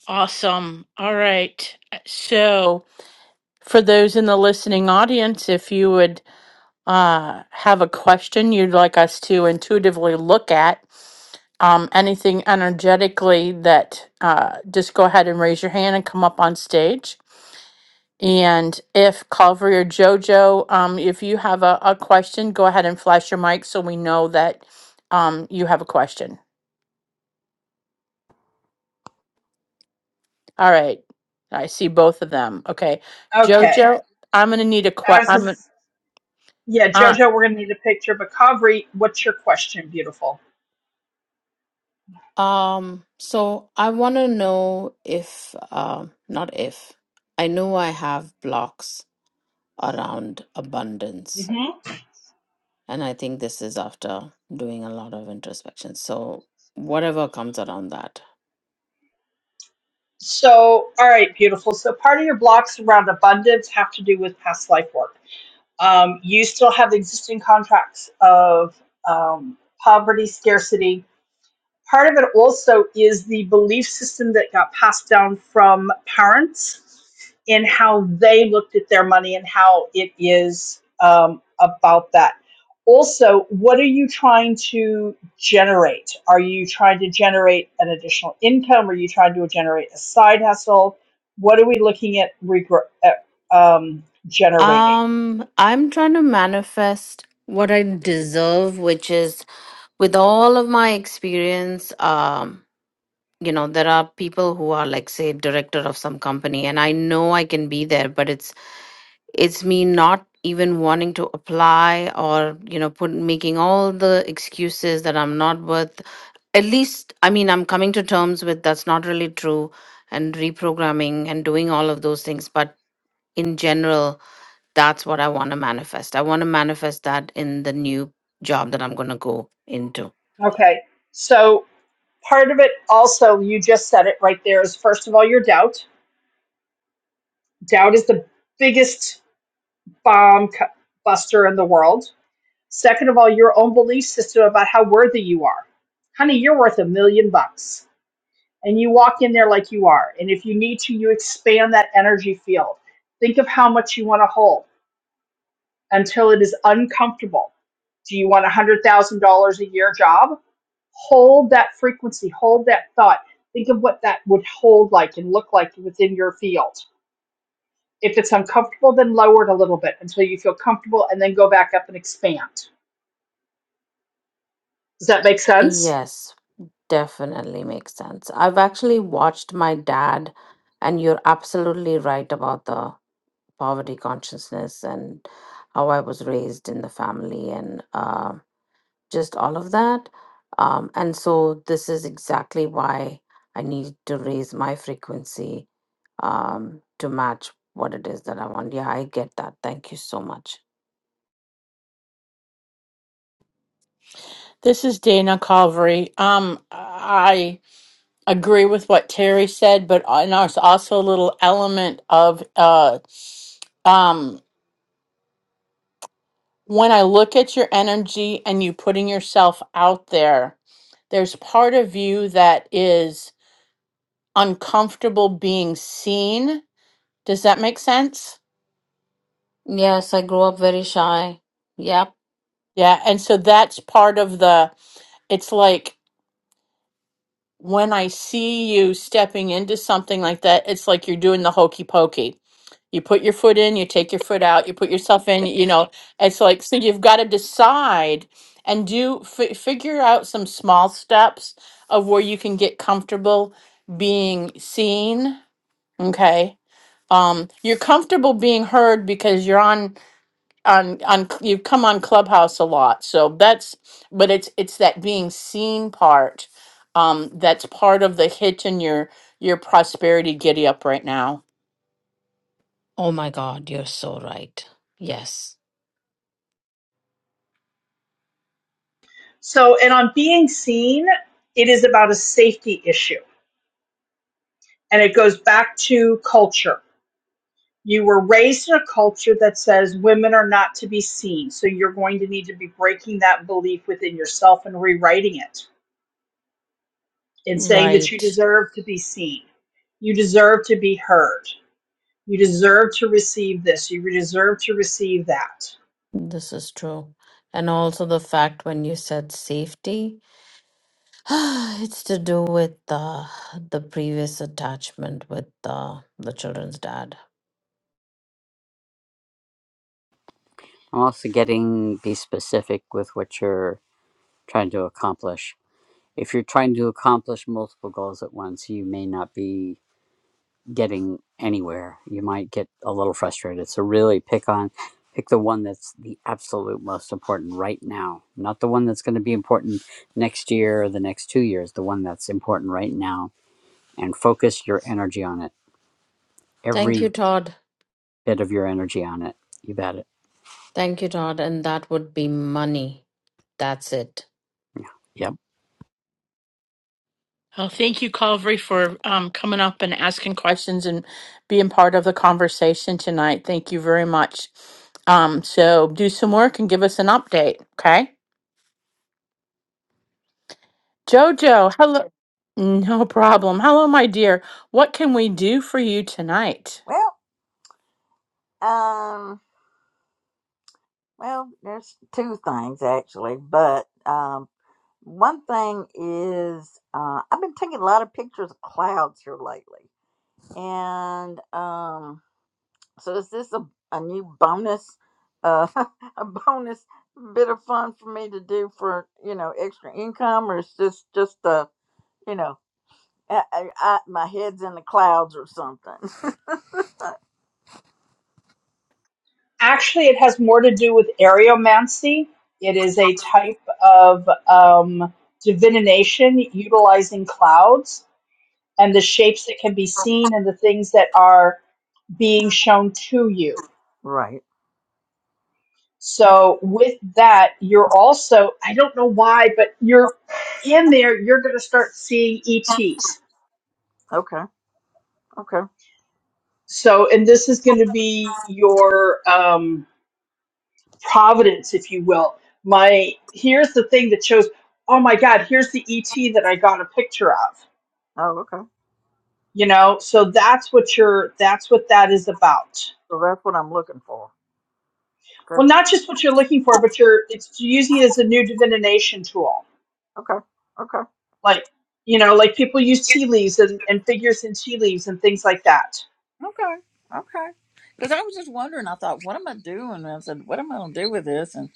Speaker 1: Awesome. All right. So, for those in the listening audience, if you would uh, have a question you'd like us to intuitively look at, um, anything energetically that uh, just go ahead and raise your hand and come up on stage. And if Calvary or JoJo, um, if you have a, a question, go ahead and flash your mic so we know that um, you have a question. All right. I see both of them. Okay. JoJo,
Speaker 2: Okay,
Speaker 1: Okay. I'm going to need a
Speaker 2: I
Speaker 1: question.
Speaker 2: was
Speaker 1: I'm, going
Speaker 2: just, yeah,
Speaker 1: uh,
Speaker 2: Jojo, we're going to need a picture. But Kavri, what's your question, beautiful?
Speaker 4: Um, so I want to know if, um, not if, I know I have blocks around abundance.
Speaker 2: hmm
Speaker 4: And I think this is after doing a lot of introspection. So whatever comes around that.
Speaker 2: So, all right, beautiful. So, part of your blocks around abundance have to do with past life work. Um, you still have existing contracts of um, poverty, scarcity, part of it also is the belief system that got passed down from parents in how they looked at their money and how it is um, about that. Also, what are you trying to generate? Are you trying to generate an additional income? Are you trying to generate a side hustle? What are we looking at, regr- at um, generating?
Speaker 4: Um, I'm trying to manifest what I deserve, which is with all of my experience. Um, you know there are people who are like say director of some company and i know i can be there but it's it's me not even wanting to apply or you know put making all the excuses that i'm not worth at least i mean i'm coming to terms with that's not really true and reprogramming and doing all of those things but in general that's what i want to manifest i want to manifest that in the new job that i'm going to go into
Speaker 2: Okay, so part of it also, you just said it right there, is first of all, your doubt Doubt is the biggest bomb buster in the world. Second of all, your own belief system about how worthy you are. Honey, you're worth a million bucks. And you walk in there like you are. And if you need to, you expand that energy field. Think of how much you want to hold until it is uncomfortable. Do you want a $100,000 a year job? Hold that frequency, hold that thought. Think of what that would hold like and look like within your field. If it's uncomfortable, then lower it a little bit until you feel comfortable and then go back up and expand. Does that make sense?
Speaker 4: yes Definitely makes sense. I've actually watched my dad, and you're absolutely right about the poverty consciousness and how I was raised in the family and uh, just all of that. Um, and so, this is exactly why I need to raise my frequency um, to match what it is that I want. Yeah, I get that. Thank you so much.
Speaker 1: this is Dana Calvary. Um, I. agree with what Terry said, but I- and there's also a little element of uh, um, when I look at your energy and you putting yourself out there, there's part of you that is uncomfortable being seen. Does that make sense?
Speaker 4: Yes, I grew up very shy. Yep.
Speaker 1: Yeah. And so that's part of the, it's like when I see you stepping into something like that, it's like you're doing the hokey pokey You put your foot in, you take your foot out, you put yourself in, you know. It's like, so you've got to decide and do fi figure out some small steps of where you can get comfortable being seen. Okay. Um, you're comfortable being heard because you're on on on c- you've come on Clubhouse a lot. So that's but it's it's that being seen part um that's part of the hitch in your your prosperity giddy up right now.
Speaker 4: Oh my God, you're so right. Yes.
Speaker 2: So, and on being seen, it is about a safety issue. And it goes back to culture. You were raised in a culture that says women are not to be seen. So you're going to need to be breaking that belief within yourself and rewriting it and saying that
Speaker 4: Right.
Speaker 2: you deserve to be seen. You deserve to be heard. You deserve to receive this. You deserve to receive that.
Speaker 4: This is true. And also the fact when you said safety, it's to do with uh, the previous attachment with uh, the children's dad.
Speaker 3: I'm also getting be specific with what you're trying to accomplish. If you're trying to accomplish multiple goals at once, you may not be getting anywhere. You might get a little frustrated. So really pick on pick the one that's the absolute most important right now. Not the one that's going to be important next year or the next 2 years, the one that's important right now and focus your energy on it.
Speaker 4: Thank you,
Speaker 3: Every
Speaker 4: Todd.
Speaker 3: bit of your energy on it. You bet it.
Speaker 4: Thank you, Todd. And that would be money. That's it.
Speaker 3: Yep.
Speaker 1: Oh, thank you, Calvary, for um, coming up and asking questions and being part of the conversation tonight. Thank you very much. Um, so do some work and give us an update, okay? Jojo, hello. No problem. Hello, my dear. What can we do for you tonight?
Speaker 5: Well, um, well, there's two things actually, but um, one thing is uh, I've been taking a lot of pictures of clouds here lately, and um, so is this a, a new bonus, uh, a bonus bit of fun for me to do for you know extra income, or is this just a you know I, I, I, my head's in the clouds or something?
Speaker 2: Actually, it has more to do with areomancy. It is a type of um, divination utilizing clouds and the shapes that can be seen and the things that are being shown to you.
Speaker 5: Right. Oh,
Speaker 2: So, with that, you're also, I don't know why, but you're in there, you're going to start seeing ETs.
Speaker 5: okay. Okay.
Speaker 2: So, and this is going to be your. Um, providence, if you will. My here's the thing that shows, oh my God, here's the ET that I got a picture of.
Speaker 5: Oh, okay.
Speaker 2: You know, so that's what you're that's what that is about.
Speaker 5: So that's what I'm looking for. Okay.
Speaker 2: Well, not just what you're looking for, but you're it's using it as a new divination tool.
Speaker 5: Okay. Okay.
Speaker 2: Like, you know, like people use tea leaves and, and figures in tea leaves and things like that.
Speaker 5: Okay. Okay. Because I was just wondering, I thought, what am I doing? And I said, what am I going to do with this? And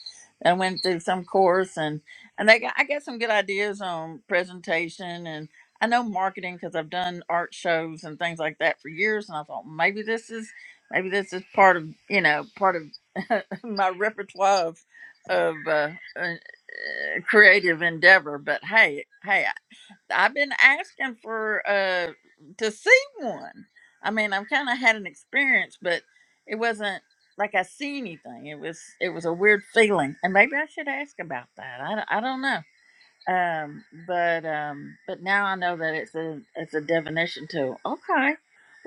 Speaker 5: I went through some course and, and they got, I got some good ideas on presentation and I know marketing because I've done art shows and things like that for years. And I thought maybe this is, maybe this is part of, you know, part of my repertoire of, of uh, uh, uh, creative endeavor. But hey, hey, I've been asking for uh to see one. I mean, I've kind of had an experience, but it wasn't like I see anything. It was it was a weird feeling, and maybe I should ask about that. I, don't- I don't know. Um, but um, but now I know that it's a it's a divination tool. Okay,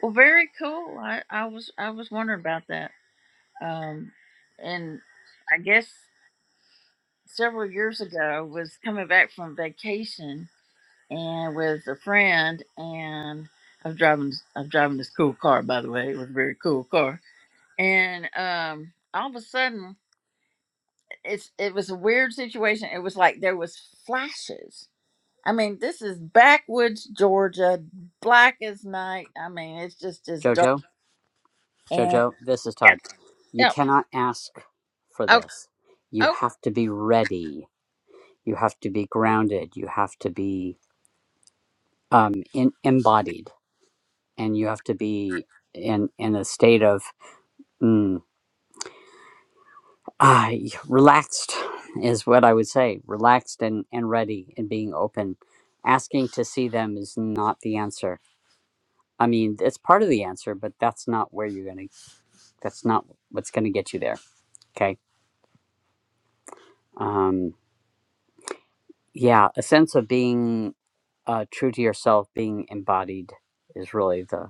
Speaker 5: well, very cool. I I was I was wondering about that. Um, and I guess several years ago was coming back from vacation and with a friend and i was driving i was driving this cool car by the way it was a very cool car and um all of a sudden it's it was a weird situation it was like there was flashes i mean this is backwoods georgia black as night i mean it's just as dark
Speaker 3: Jojo,
Speaker 5: and
Speaker 3: Jojo, this is
Speaker 5: yeah
Speaker 3: Todd. You
Speaker 5: yeah
Speaker 3: cannot ask for
Speaker 5: oh,
Speaker 3: this. You
Speaker 5: oh
Speaker 3: have to be ready. You have to be grounded. You have to be um, in, embodied and you have to be in in a state of mm, ah, relaxed is what I would say relaxed and and ready and being open asking to see them is not the answer I mean it's part of the answer but that's not where you're gonna that's not what's gonna get you there okay um yeah a sense of being uh, true to yourself being embodied is really the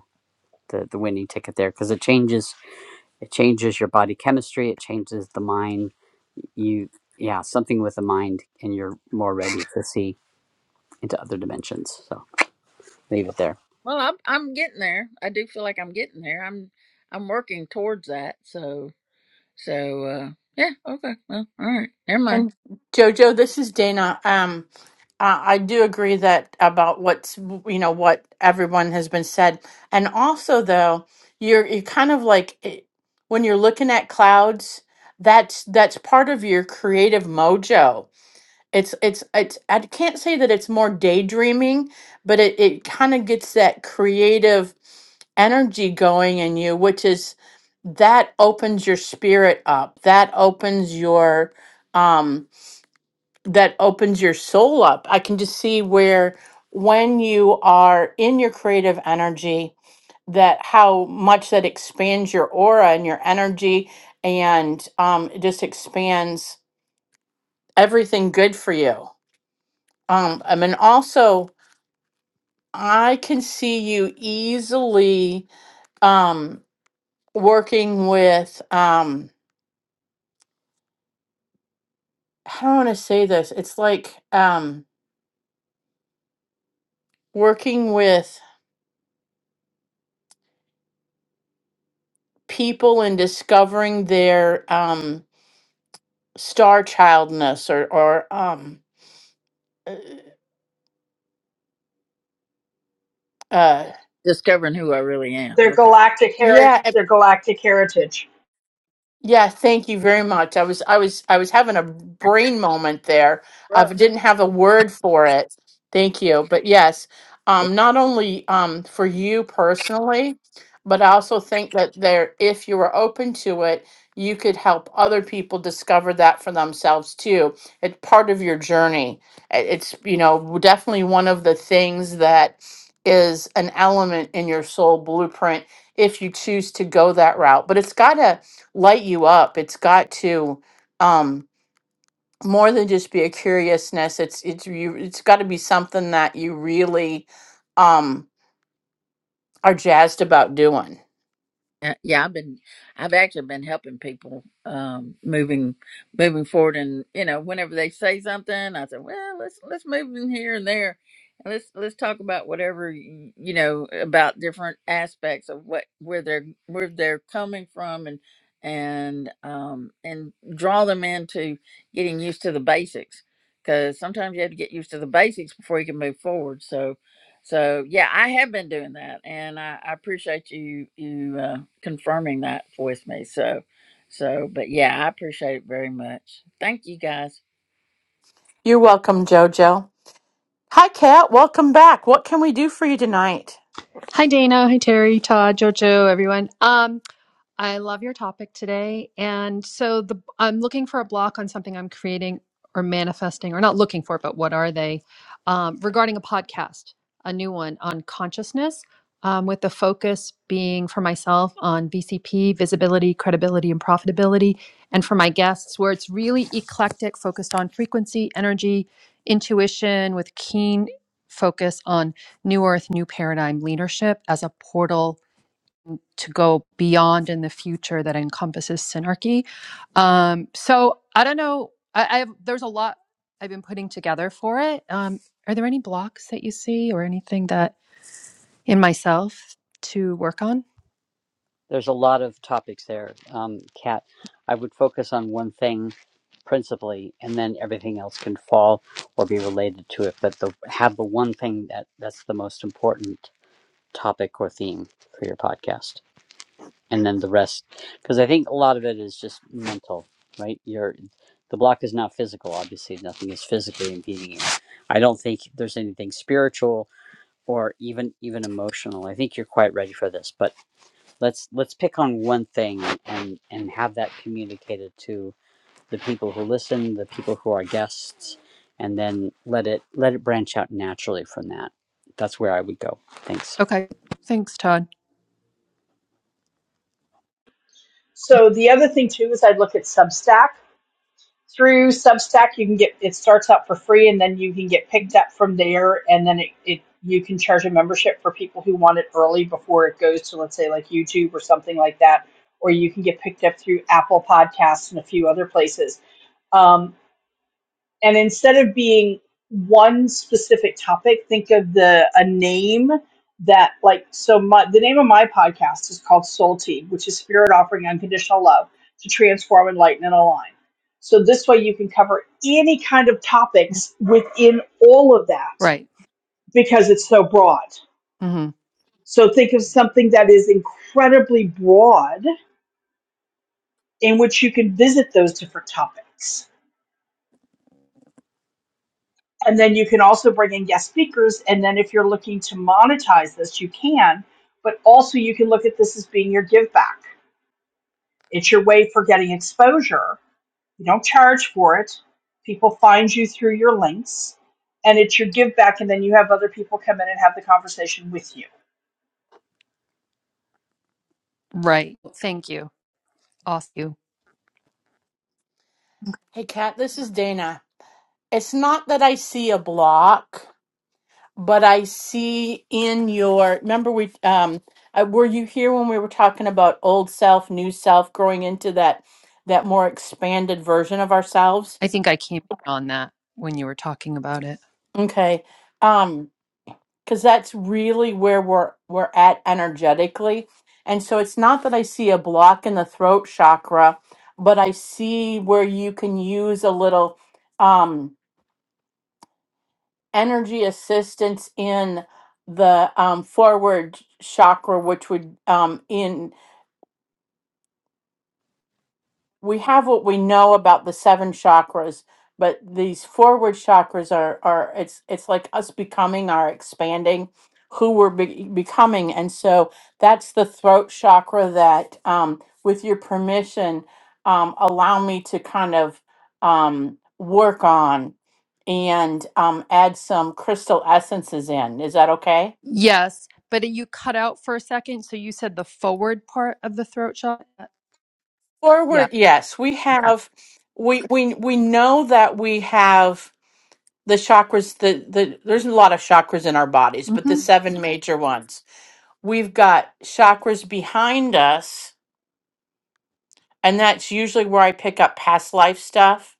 Speaker 3: the, the winning ticket there because it changes it changes your body chemistry it changes the mind you yeah something with a mind and you're more ready to see into other dimensions so leave it there
Speaker 5: well I'm, I'm getting there i do feel like i'm getting there i'm i'm working towards that so so uh yeah okay well all right never mind
Speaker 1: And Jojo, this is Dana. Um, I, I do agree that about what's you know what everyone has been said, and also though you're you're kind of like eh, when you're looking at clouds, that's that's part of your creative mojo. It's it's it's I can't say that it's more daydreaming, but it it kind of gets that creative energy going in you, which is that opens your spirit up. That opens your um that opens your soul up. I can just see where when you are in your creative energy, that how much that expands your aura and your energy and um, it just expands everything good for you. Um, I mean, also, I can see you easily um, working with, um, how do I want to say this? It's like um, working with people and discovering their. Um, star childness or or um uh uh,
Speaker 5: discovering who I really am.
Speaker 2: Their
Speaker 5: Okay.
Speaker 2: galactic heritage
Speaker 1: yeah
Speaker 2: their galactic heritage.
Speaker 1: Yeah, thank you very much. I was I was I was having a brain moment there. I
Speaker 5: Well,
Speaker 1: didn't have a word for it. Thank you. But yes,
Speaker 5: Yeah,
Speaker 1: um not only um for you personally, but I also think that there if you were open to it, you could help other people discover that for themselves too. It's part of your journey. I- It's you know, definitely one of the things that is an element in your soul blueprint if you choose to go that route. But it's got to light you up. It's got to um more than just be a curiousness. It's it's you it's got to be something that you really um are jazzed about doing.
Speaker 5: Uh, yeah, I've been, I've actually been helping people um, moving, moving forward, and you know, whenever they say something, I say, well, let's let's move in here and there, and let's let's talk about whatever y- you know about different aspects of what where they're where they're coming from, and and um and draw them into getting used to the basics, because sometimes you have to get used to the basics before you can move forward. So So yeah, I have been doing that, and I, I appreciate you you uh, confirming that with me. So, so but yeah, I appreciate it very much. Thank you guys.
Speaker 1: You're welcome, Jojo. Hi Kat, welcome back. What can we do for you tonight?
Speaker 6: Hi Dana, hi Terry, Todd, Jojo, everyone. Um, I love your topic today. And so the I'm looking for a block on something I'm creating or manifesting, or not looking for, but what are they? Um, regarding a podcast, a new one on consciousness, um, with the focus being for myself on VCP, visibility, credibility, and profitability, and for my guests, where it's really eclectic, focused on frequency, energy, intuition, with keen focus on new earth, new paradigm leadership as a portal to go beyond in the future that encompasses synarchy. Um, so I don't know. I, I've there's a lot I've been putting together for it. Um, are there any blocks that you see or anything that in myself to work on?
Speaker 3: there's a lot of topics there um kat i would focus on one thing principally and then everything else can fall or be related to it but the have the one thing that that's the most important topic or theme for your podcast and then the rest because i think a lot of it is just mental right you're the block is not physical obviously nothing is physically impeding you i don't think there's anything spiritual or even even emotional i think you're quite ready for this but let's let's pick on one thing and and have that communicated to the people who listen the people who are guests and then let it let it branch out naturally from that that's where i would go thanks
Speaker 6: Okay, thanks, Todd.
Speaker 2: So the other thing too is I'd look at Substack through Substack, you can get it starts out for free, and then you can get picked up from there, and then it, it you can charge a membership for people who want it early before it goes to let's say like YouTube or something like that, or you can get picked up through Apple Podcasts and a few other places. Um, and instead of being one specific topic think of the a name that like so my the name of my podcast is called soul tea which is spirit offering unconditional love to transform enlighten and align so this way you can cover any kind of topics within all of that
Speaker 6: Right,
Speaker 2: because it's so broad
Speaker 6: hmm
Speaker 2: so think of something that is incredibly broad in which you can visit those different topics And then you can also bring in guest speakers. And then if you're looking to monetize this, you can. But also, you can look at this as being your give back. It's your way for getting exposure. You don't charge for it. People find you through your links, and it's your give back. And then you have other people come in and have the conversation with you
Speaker 6: right. Thank you. Awesome. you.
Speaker 1: Hey Kat, this is Dana. It's not that I see a block. but I see in your remember we um uh, were you here when we were talking about old self, new self, growing into that that more expanded version of ourselves?
Speaker 6: I think I came in on that when you were talking about it.
Speaker 1: Okay. Um cuz that's really where we're we're at energetically. And so it's not that I see a block in the throat chakra, but I see where you can use a little um energy assistance in the um forward chakra which would um in we have what we know about the seven chakras but these forward chakras are are it's it's like us becoming our expanding who we're be- becoming and so that's the throat chakra that um, with your permission um, allow me to kind of um, work on and um, add some crystal essences in is that okay
Speaker 6: Yes, but you cut out for a second, so you said the forward part of the throat shot. Yeah.
Speaker 1: forward yes we
Speaker 6: Okay.
Speaker 1: have we we we know that we have the chakras the, the there's a lot of chakras in our bodies but the
Speaker 6: Mm-hmm.
Speaker 1: seven major ones we've got chakras behind us and that's usually where i pick up past life stuff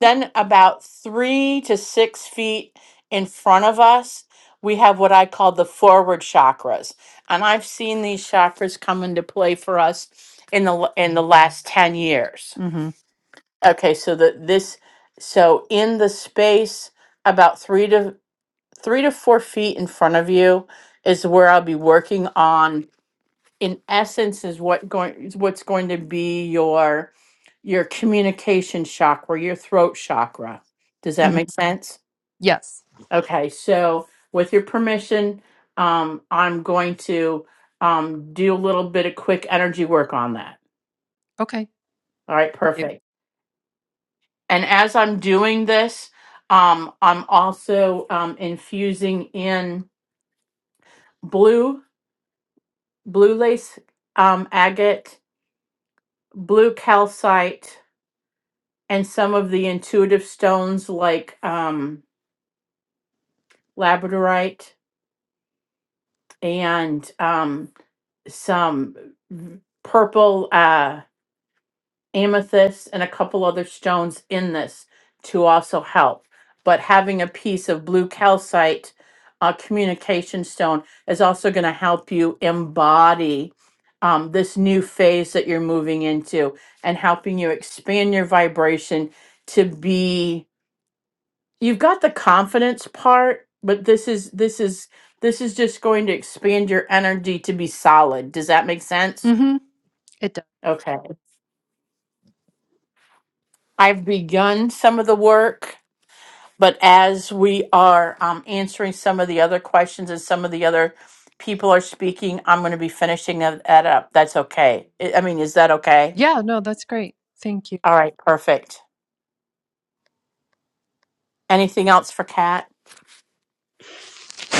Speaker 1: then about three to six feet in front of us we have what i call the forward chakras and i've seen these chakras come into play for us in the l- in the last 10 years
Speaker 6: Mm-hmm.
Speaker 1: okay so that this so in the space about three to three to four feet in front of you is where I'll be working on. In essence, is what going is what's going to be your your communication chakra, your throat chakra. Does that
Speaker 6: hmm
Speaker 1: make sense?
Speaker 6: Yes.
Speaker 1: Okay, so with your permission, um, I'm going to um, do a little bit of quick energy work on that.
Speaker 6: Okay.
Speaker 1: All right,
Speaker 6: Thank you.
Speaker 1: perfect. And as I'm doing this, um, I'm also um, infusing in blue blue lace um, agate, blue calcite, and some of the intuitive stones like um, labradorite and um, some v- purple. Uh, amethyst and a couple other stones in this to also help. But having a piece of blue calcite uh, communication stone is also going to help you embody um, this new phase that you're moving into and helping you expand your vibration to be you've got the confidence part but this is this is this is just going to expand your energy to be solid does that make sense
Speaker 6: Mm-hmm. It does.
Speaker 1: okay i've begun some of the work but as we are um, answering some of the other questions and some of the other people are speaking, I'm going to be finishing that that up. That's okay. I I mean, is that okay?
Speaker 6: Yeah. No, that's great. Thank you.
Speaker 1: All right, perfect. Anything else for Kat?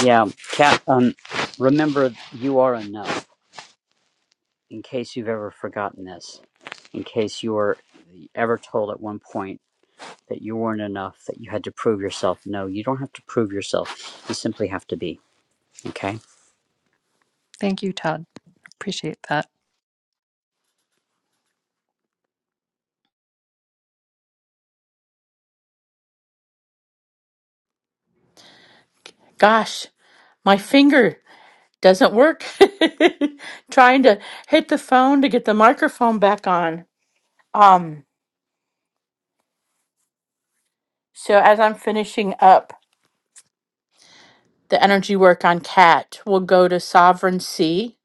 Speaker 3: yeah Kat. um remember you are enough in case you've ever forgotten this, in case you were ever told at one point that you weren't enough, that you had to prove yourself. No, you don't have to prove yourself. You simply have to be. Okay.
Speaker 6: Thank you, Todd. Appreciate that.
Speaker 1: Gosh, my finger doesn't work. Trying to hit the phone to get the microphone back on. Um, so as I'm finishing up the energy work on Kat, we'll go to Sovereign C.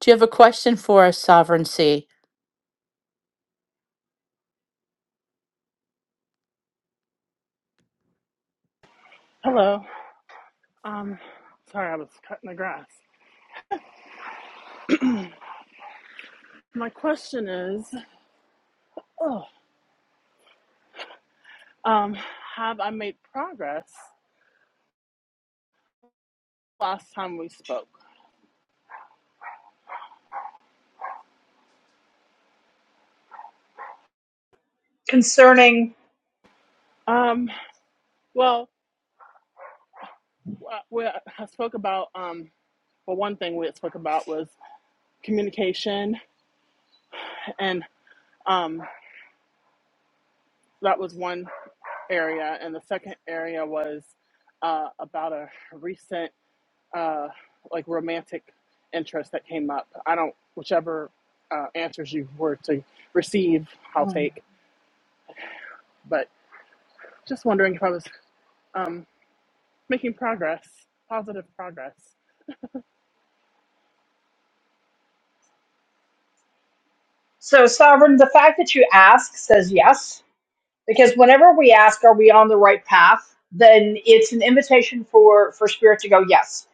Speaker 1: Do you have a question for us, Sovereign C?
Speaker 7: Hello. Um, sorry, I was cutting the grass. My question is, oh, um, have I made progress last time we spoke?
Speaker 2: concerning.
Speaker 7: Um, well, uh, we, I spoke about, um, well, one thing we had spoke about was communication, and um, that was one area, and the second area was uh, about a recent uh, like romantic interest that came up. I don't, whichever uh, answers you were to receive, I'll
Speaker 2: hmm.
Speaker 7: take. But just wondering if I was um, making progress, positive progress.
Speaker 2: So, Sovereign, the fact that you ask says yes because whenever we ask are we on the right path then it's an invitation for for spirit to go yes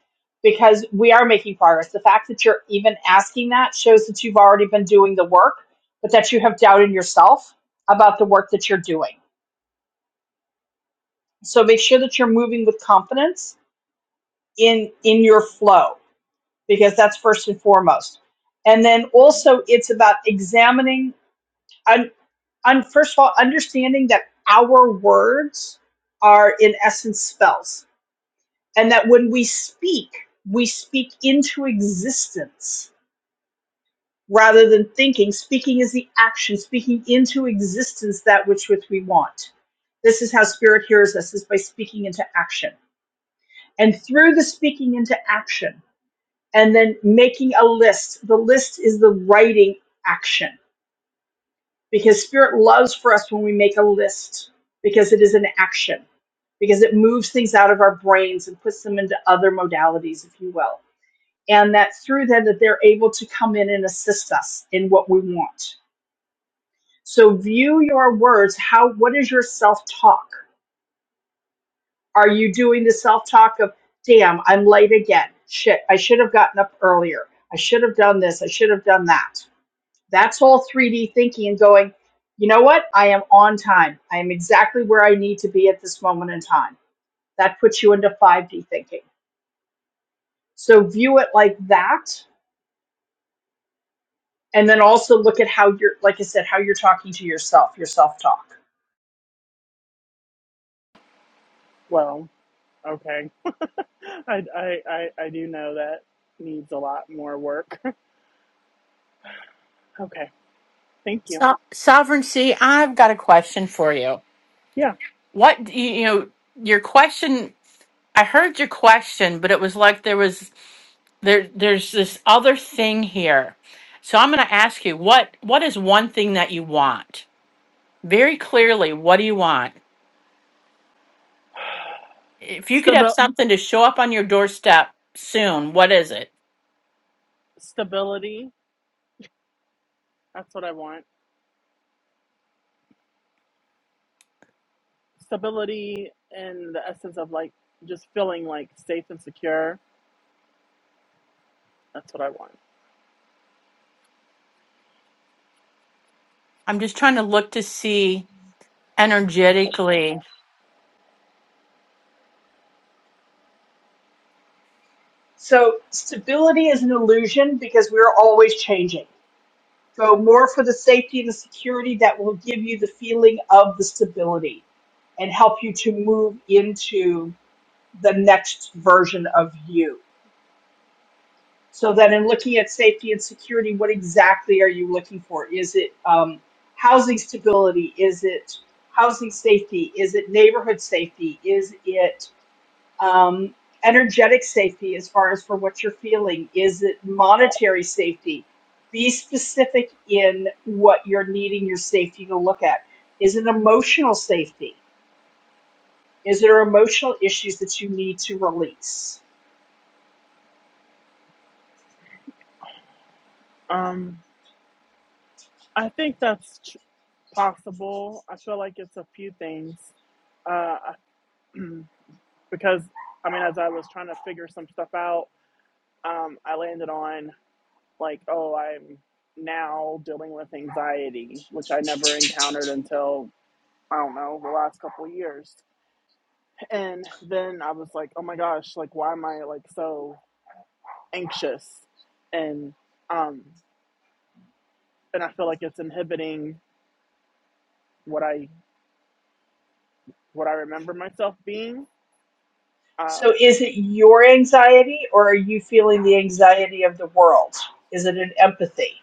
Speaker 2: because we are making progress the fact that you're even asking that shows that you've already been doing the work but that you have doubt in yourself about the work that you're doing so make sure that you're moving with confidence in in your flow because that's first and foremost and then also it's about examining un, un, first of all understanding that our words are in essence spells and that when we speak, we speak into existence rather than thinking. Speaking is the action, speaking into existence that which which we want. This is how spirit hears us is by speaking into action. And through the speaking into action and then making a list, the list is the writing action because spirit loves for us when we make a list because it is an action because it moves things out of our brains and puts them into other modalities if you will and that through them that they're able to come in and assist us in what we want so view your words how what is your self-talk are you doing the self-talk of damn i'm late again shit i should have gotten up earlier i should have done this i should have done that that's all 3d thinking and going you know what i am on time i am exactly where i need to be at this moment in time that puts you into 5d thinking so view it like that and then also look at how you're like i said how you're talking to yourself your self talk
Speaker 7: Well, okay. I, I, I, I do know that needs a lot more work. okay. Thank you.
Speaker 1: So- sovereignty, I've got a question for you.
Speaker 7: Yeah.
Speaker 1: What do you, you know, your question, I heard your question, but it was like there was there there's this other thing here. So I'm going to ask you what what is one thing that you want? Very clearly, what do you want? If you could have
Speaker 7: Stabil-
Speaker 1: something to show up on your doorstep soon, what is it?
Speaker 7: stability. That's what I want. Stability in the essence of like just feeling like safe and secure. That's what I want.
Speaker 1: I'm just trying to look to see energetically
Speaker 2: so stability is an illusion because we're always changing go more for the safety and the security that will give you the feeling of the stability and help you to move into the next version of you so then in looking at safety and security what exactly are you looking for is it um, housing stability is it housing safety is it neighborhood safety is it um, energetic safety as far as for what you're feeling is it monetary safety be specific in what you're needing your safety to look at is it emotional safety is there emotional issues that you need to release
Speaker 7: Um, I think that's tr- possible. I feel like it's a few things. Uh, I- because, I mean, as I was trying to figure some stuff out, um, I landed on, like, oh, I'm now dealing with anxiety, which I never encountered until, I don't know, the last couple of years. And then I was like, oh my gosh, like, why am I, like, so anxious? And, um, and I feel like it's inhibiting what I what I remember myself being. Uh,
Speaker 2: so is it your anxiety or are you feeling the anxiety of the world is it an empathy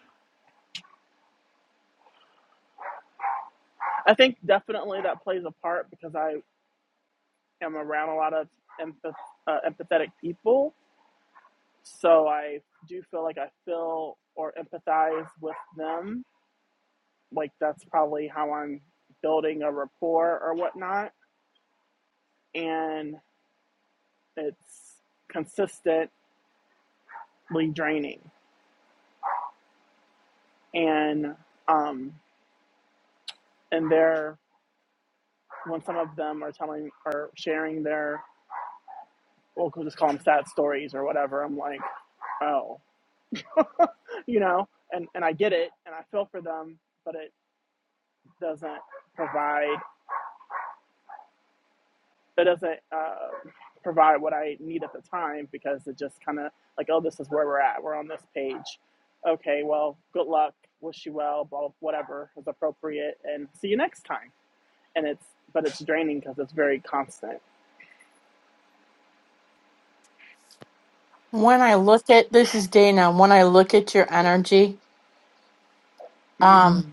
Speaker 7: I think definitely that plays a part because I am around a lot of empath- uh, empathetic people. So I do feel like I feel or empathize with them. Like that's probably how I'm building a rapport or whatnot. And it's consistently draining. And, um, and they're, when some of them are telling or sharing their, we'll just call them sad stories or whatever, I'm like, oh. you know, and, and I get it and I feel for them, but it doesn't provide, it doesn't uh, provide what I need at the time because it just kind of like, oh, this is where we're at. We're on this page. Okay, well, good luck. Wish you well, blah, whatever is appropriate, and see you next time. And it's, but it's draining because it's very constant.
Speaker 1: when I look at this is Dana, when I look at your energy,
Speaker 7: hmm
Speaker 1: um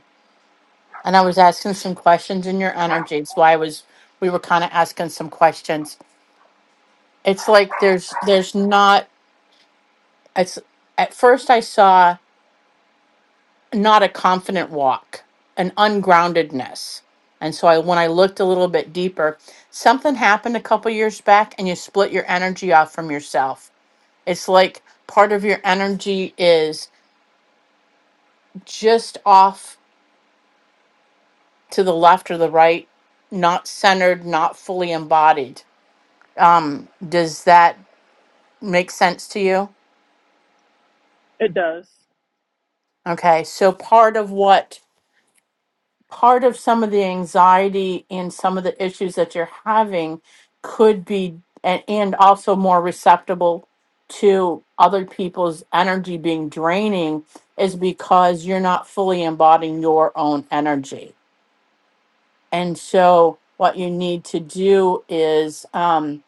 Speaker 1: and I was asking some questions in your energy. So I was we were kind of asking some questions. It's like there's there's not it's at first I saw not a confident walk, an ungroundedness. And so I when I looked a little bit deeper, something happened a couple years back and you split your energy off from yourself. It's like part of your energy is just off to the left or the right, not centered, not fully embodied um does that Makes sense to you?
Speaker 7: It does.
Speaker 1: Okay, so part of what, part of some of the anxiety and some of the issues that you're having could be, and, and also more receptible to other people's energy being draining is because you're not fully embodying your own energy. And so what you need to do is um,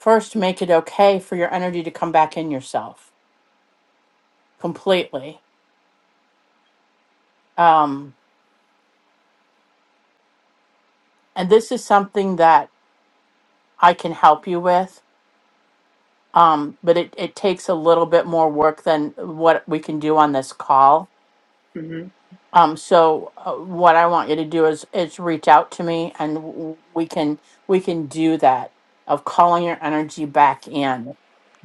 Speaker 1: first make it okay for your energy to come back in yourself completely. Um, and this is something that I can help you with. Um, but it, it takes a little bit more work than what we can do on this call.
Speaker 7: hmm
Speaker 1: Um, so uh, what I want you to do is is reach out to me, and w- we can we can do that of calling your energy back in,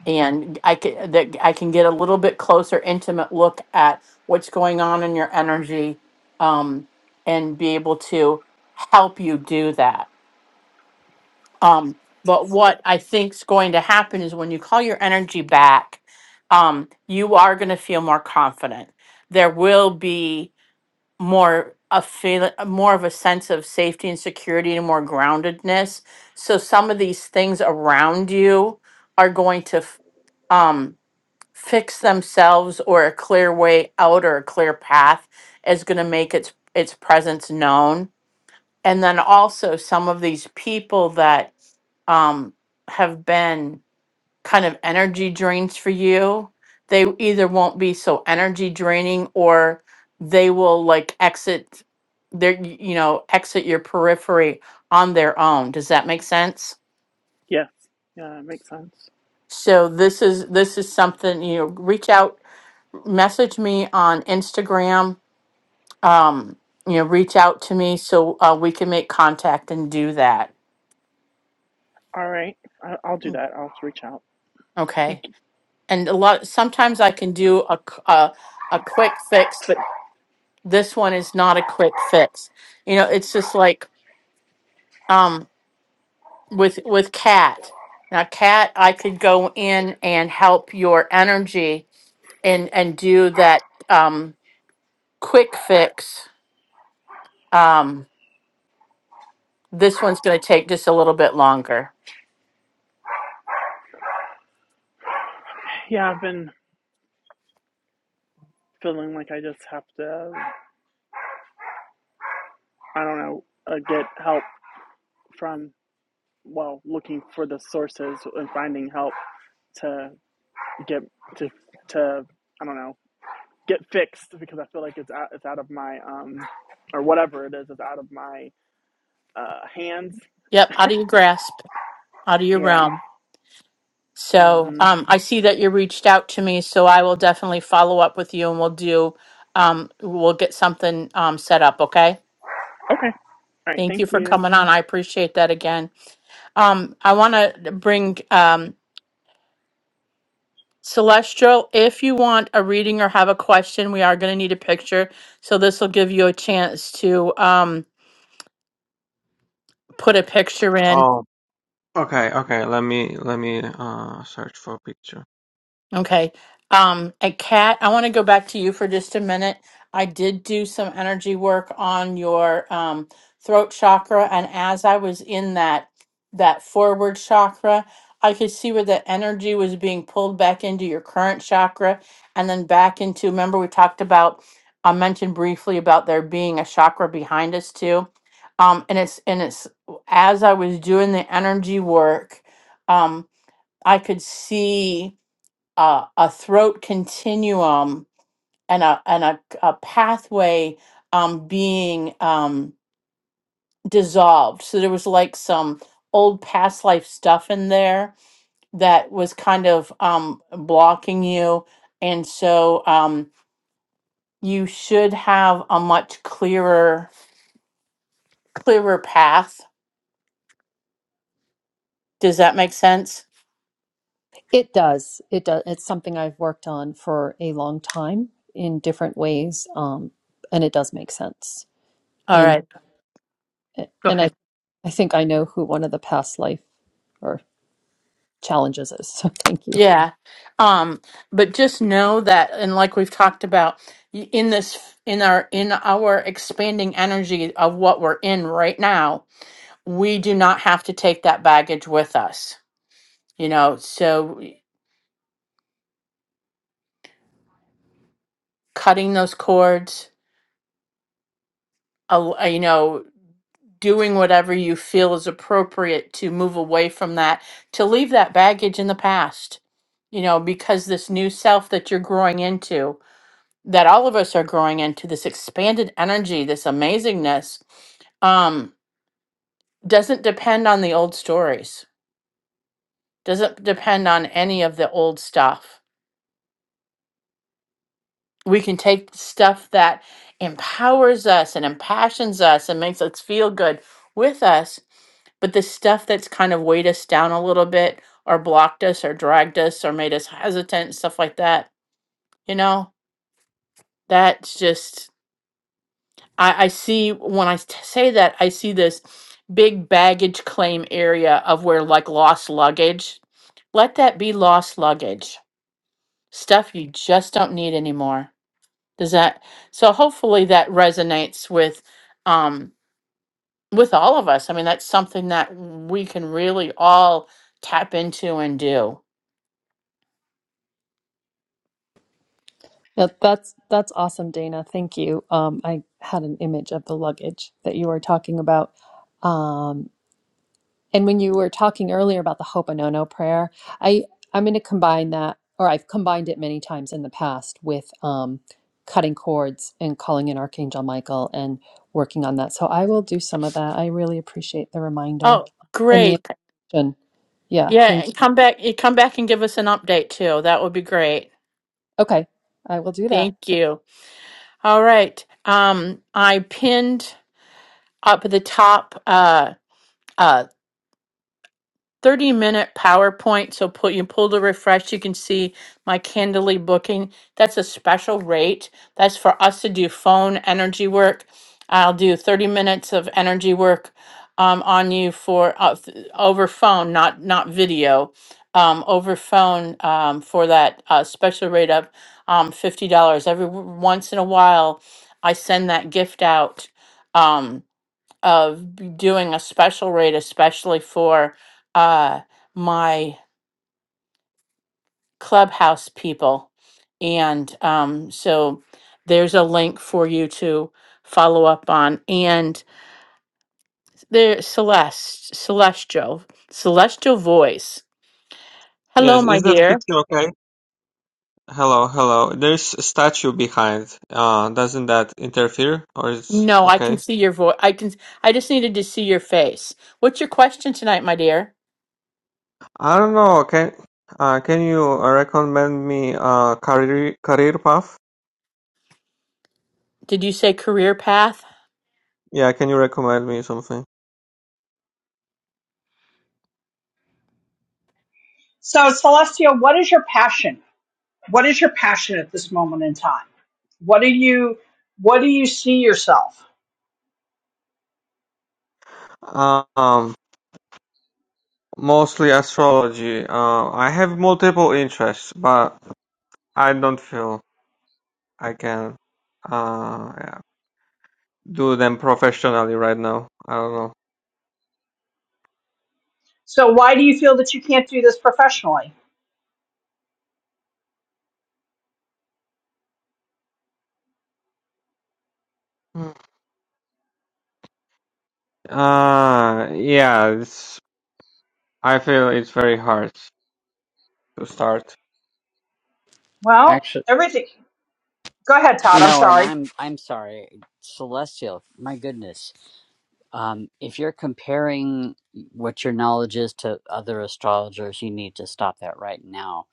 Speaker 1: and I can that I can get a little bit closer, intimate look at what's going on in your energy, um, and be able to help you do that Um, but what I think's going to happen is when you call your energy back, um, you are going to feel more confident. There will be more a feel, more of a sense of safety and security and more groundedness. So some of these things around you are going to f- um, fix themselves, or a clear way out or a clear path is going to make its its presence known and then also some of these people that um, have been kind of energy drains for you they either won't be so energy draining or they will like exit their y- you know exit your periphery on their own does that make sense
Speaker 7: Yes. Yeah, it makes sense.
Speaker 1: so this is this is something you know reach out message me on instagram um you know reach out to me so uh, we can make contact and do that
Speaker 7: All right. I, I'll do
Speaker 1: Mm,
Speaker 7: that. I'll reach out. Thank
Speaker 1: okay
Speaker 7: you.
Speaker 1: and a lot sometimes i can do a, c- a a quick fix but this one is not a quick fix you know it's just like um with with cat now cat i could go in and help your energy and and do that um quick fix um this one's going to take just a little bit longer
Speaker 7: Yeah, I've been feeling like I just have to, I don't know, uh, get help from, well, looking for the sources and finding help to get to to I don't know get fixed because I feel like it's out, it's out of my um or whatever it is it's out of my uh hands.
Speaker 1: yep out of your grasp out of your
Speaker 7: Yeah.
Speaker 1: realm So
Speaker 7: Mhm.
Speaker 1: um, I see that you reached out to me, so I will definitely follow up with you and we'll do, um, we'll get something um, set up, okay?
Speaker 7: Okay. All right.
Speaker 1: Thank
Speaker 7: Thank
Speaker 1: you for
Speaker 7: you.
Speaker 1: coming on. I appreciate that again. Um, I want to bring um, Celestial, if you want a reading or have a question, we are going to need a picture. So this will give you a chance to um, put a picture in.
Speaker 8: Oh, okay, okay. Let me let me uh search for a picture.
Speaker 1: Okay. Um, and Kat, I want to go back to you for just a minute. I did do some energy work on your um, throat chakra, and as I was in that that forward chakra, I could see where the energy was being pulled back into your current chakra, and then back into. Remember, we talked about. I mentioned briefly about there being a chakra behind us too, um, and it's and it's as I was doing the energy work, um, I could see a, a throat continuum and a and a, a pathway um, being um, dissolved. So there was like some old past life stuff in there that was kind of um, blocking you, and so um, you should have a much clearer clearer path. Does that make sense?
Speaker 6: It does. It does. It's something I've worked on for a long time in different ways, um, and it does make sense.
Speaker 1: All
Speaker 6: And
Speaker 1: right, go
Speaker 6: and
Speaker 1: ahead.
Speaker 6: I I think I know who one of the past life or challenges is. So thank you.
Speaker 1: Yeah. Um, but just know that, and like we've talked about y- in this, in our, in our expanding energy of what we're in right now, we do not have to take that baggage with us, you know? So cutting those cords, al- uh, you know, doing whatever you feel is appropriate to move away from that, to leave that baggage in the past, you know, because this new self that you're growing into. that all of us are growing into this expanded energy, this amazingness, um, doesn't depend on the old stories, doesn't depend on any of the old stuff. We can take stuff that empowers us and impassions us and makes us feel good with us, but the stuff that's kind of weighed us down a little bit or blocked us or dragged us or made us hesitant, stuff like that, you know, that's just I, I see when I t- say that, I see this big baggage claim area of where like lost luggage. Let that be lost luggage, stuff you just don't need anymore. Does that so hopefully that resonates with um with all of us. I mean, that's something that we can really all tap into and do.
Speaker 6: Yeah, that's that's awesome, Dana. Thank you. Um, I had an image of the luggage that you were talking about. Um. And when you were talking earlier about the Hoponono prayer, I I'm going to combine that, or I've combined it many times in the past with um, cutting cords and calling in Archangel Michael and working on that. So I will do some of that. I really appreciate the reminder
Speaker 1: Oh,
Speaker 6: and the
Speaker 1: great.
Speaker 6: invitation. Yeah,
Speaker 1: Yeah,
Speaker 6: thank
Speaker 1: and
Speaker 6: you.
Speaker 1: come back you come back and give us an update too. That would be great.
Speaker 6: Okay, I will do that.
Speaker 1: Thank you. All right. Um, I pinned up at the top uh, uh, 30 minute PowerPoint. So put you pull the refresh, you can see my Candidly booking. That's a special rate. That's for us to do phone energy work. I'll do 30 minutes of energy work um, on you for uh, th- over phone, not not video, um, over phone um, for that uh, special rate of um, $50. Every w- once in a while, I send that gift out. Um, of b- doing a special rate, especially for uh, my clubhouse people. And um, so there's a link for you to follow up on. And there, Celeste, Celestial, Celestial Voice.
Speaker 8: Yes,
Speaker 1: Hello, my
Speaker 8: is that
Speaker 1: dear.
Speaker 8: picture okay? Hello, hello. There's a statue behind. Uh, doesn't that interfere or it's
Speaker 1: No, I can
Speaker 8: okay?
Speaker 1: see your voice. I can. I just needed to see your face. What's your question tonight, my dear?
Speaker 8: I don't know. Okay. Uh, can you uh, recommend me uh career career path?
Speaker 1: Did you say career path?
Speaker 8: Yeah, can you recommend me something?
Speaker 2: so celestia what is your passion what is your passion at this moment in time what do you what do you see yourself
Speaker 8: Uh, um, mostly astrology. Uh, I have multiple interests, but I don't feel I can. Uh, do them professionally right now. I don't know.
Speaker 2: So why do you feel that you can't do this professionally?
Speaker 8: Mm. Uh, yeah, it's, I feel it's very hard to start.
Speaker 2: Well,
Speaker 3: Actually,
Speaker 2: everything. Go ahead, Todd. I'm
Speaker 3: no, and
Speaker 2: sorry.
Speaker 3: I'm I'm sorry, Celestial. My goodness, um, if you're comparing what your knowledge is to other astrologers, you need to stop that right now.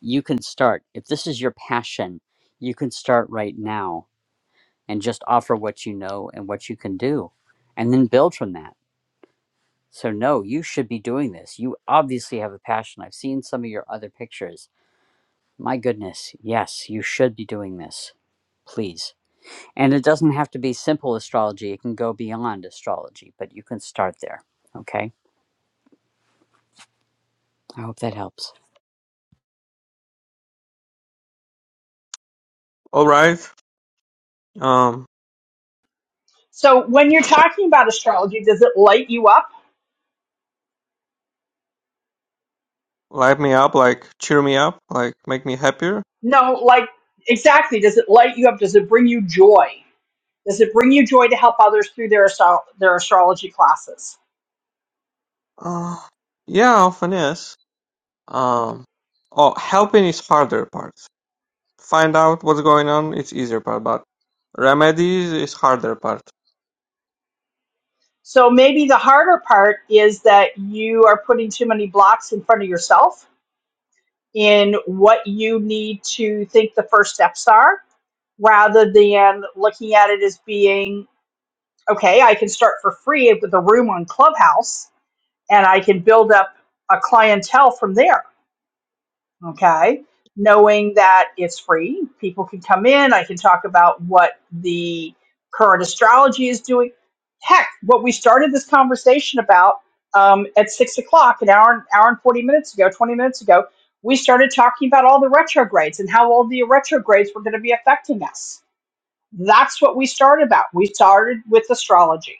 Speaker 3: You can start if this is your passion. You can start right now and just offer what you know and what you can do and then build from that. So, no, you should be doing this. You obviously have a passion. I've seen some of your other pictures. My goodness, yes, you should be doing this. Please. And it doesn't have to be simple astrology, it can go beyond astrology, but you can start there. Okay. I hope that helps.
Speaker 8: All right. Um,
Speaker 2: So when you're talking about astrology, does it light you up?
Speaker 8: light me up, like cheer me up, like make me happier.
Speaker 2: No, like exactly. Does it light you up? Does it bring you joy? Does it bring you joy to help others through their astro- their astrology classes?
Speaker 8: Uh, yeah, often is. Um, oh, helping is harder part. Find out what's going on. It's easier part, but remedies is harder part.
Speaker 2: So maybe the harder part is that you are putting too many blocks in front of yourself in what you need to think the first steps are rather than looking at it as being okay, I can start for free with a room on Clubhouse and I can build up a clientele from there. Okay. Knowing that it's free, people can come in. I can talk about what the current astrology is doing. Heck, what we started this conversation about um, at six o'clock, an hour, hour and 40 minutes ago, 20 minutes ago, we started talking about all the retrogrades and how all the retrogrades were going to be affecting us. That's what we started about. We started with astrology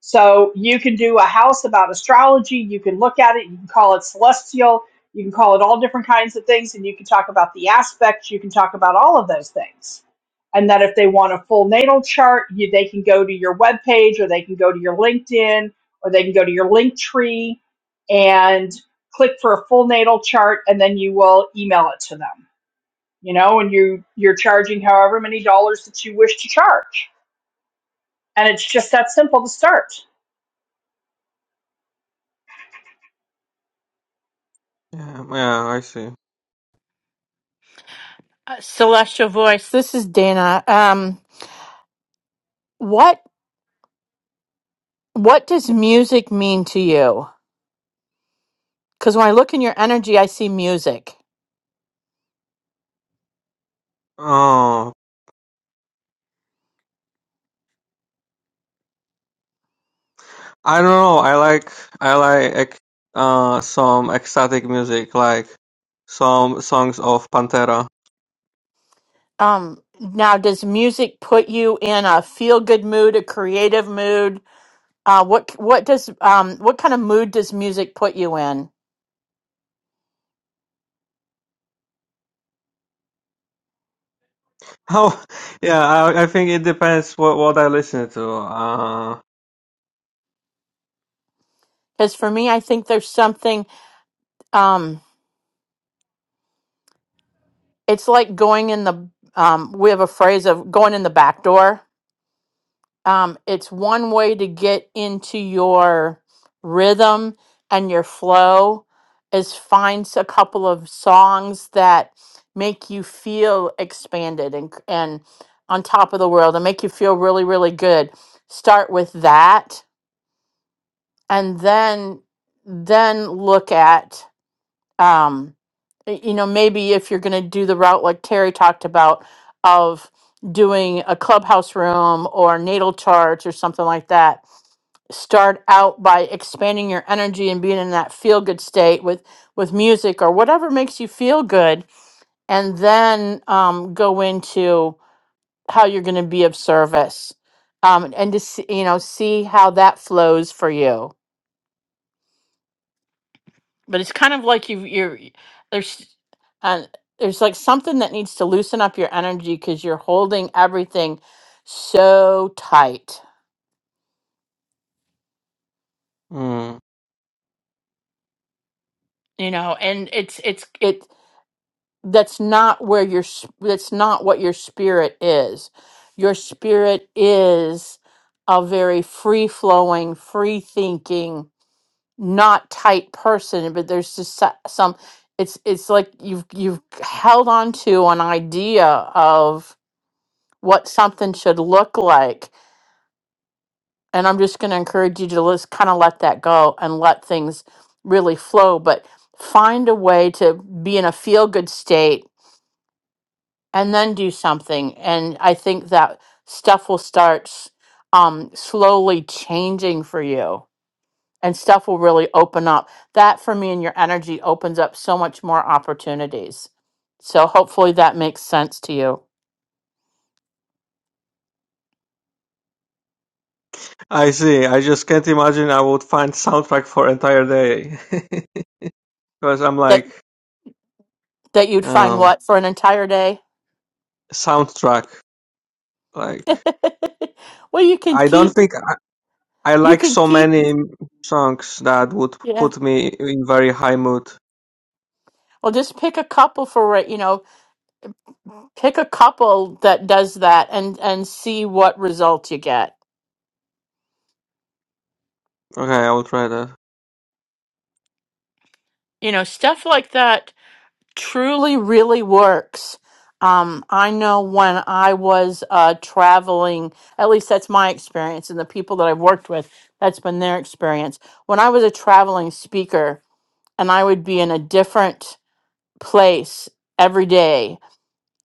Speaker 2: So you can do a house about astrology. You can look at it. You can call it celestial. You can call it all different kinds of things. And you can talk about the aspects. You can talk about all of those things. And that if they want a full natal chart, you, they can go to your webpage or they can go to your LinkedIn or they can go to your link tree and click for a full natal chart. And then you will email it to them, you know, and you, you're charging however many dollars that you wish to charge. And it's just that simple to start.
Speaker 8: Yeah, yeah, I see.
Speaker 1: Uh, Celestial Voice. This is Dana. Um, what? What does music mean to you? Because when I look in your energy, I see music.
Speaker 8: Oh, I don't know. I like I like ec- uh some ecstatic music, like some songs of Pantera.
Speaker 1: Um, now, does music put you in a feel-good mood, a creative mood? Uh, what what does um, what kind of mood does music put you in?
Speaker 8: Oh, yeah. I I think it depends what what I listen to. Uh,
Speaker 1: Because for me, I think there's something. Um, it's like going in the. Um, we have a phrase of going in the back door. um, it's one way to get into your rhythm and your flow is find s- a couple of songs that make you feel expanded and and on top of the world and make you feel really really good start with that and then then look at um y- you know maybe if you're going to do the route like terry talked about of doing a clubhouse room or natal charts or something like that start out by expanding your energy and being in that feel good state with with music or whatever makes you feel good and then um, go into how you're going to be of service um, and to see, you know see how that flows for you but it's kind of like you you're there's uh, there's like something that needs to loosen up your energy because you're holding everything so tight
Speaker 8: mm.
Speaker 1: you know and it's it's it that's not where your s- that's not what your spirit is your spirit is a very free flowing free thinking not tight person but there's just so- some it's it's like you've you've held on to an idea of what something should look like. And I'm just going to encourage you to just kind of let that go and let things really flow, but find a way to be in a feel good state and then do something. And I think that stuff will start s- um, slowly changing for you and stuff will really open up. That for me and your energy opens up so much more opportunities. So hopefully that makes sense to you.
Speaker 8: I see. I just can't imagine I would find soundtrack for entire day because I'm
Speaker 1: That
Speaker 8: like
Speaker 1: that you'd find
Speaker 8: um
Speaker 1: what for an entire day?
Speaker 8: soundtrack. Like
Speaker 1: well, you can
Speaker 8: I don't
Speaker 1: keep
Speaker 8: think I, I
Speaker 1: you
Speaker 8: like
Speaker 1: can
Speaker 8: so
Speaker 1: keep
Speaker 8: many songs that would
Speaker 1: yeah.
Speaker 8: put me in very high mood.
Speaker 1: Well, just pick a couple for right, you know, pick a couple that does that and and see what results you get.
Speaker 8: Okay, I will try that.
Speaker 1: You know, stuff like that truly really works. Um, I know when I was uh, traveling, at least that's my experience, and the people that I've worked with, that's been their experience. When I was a traveling speaker and I would be in a different place every day,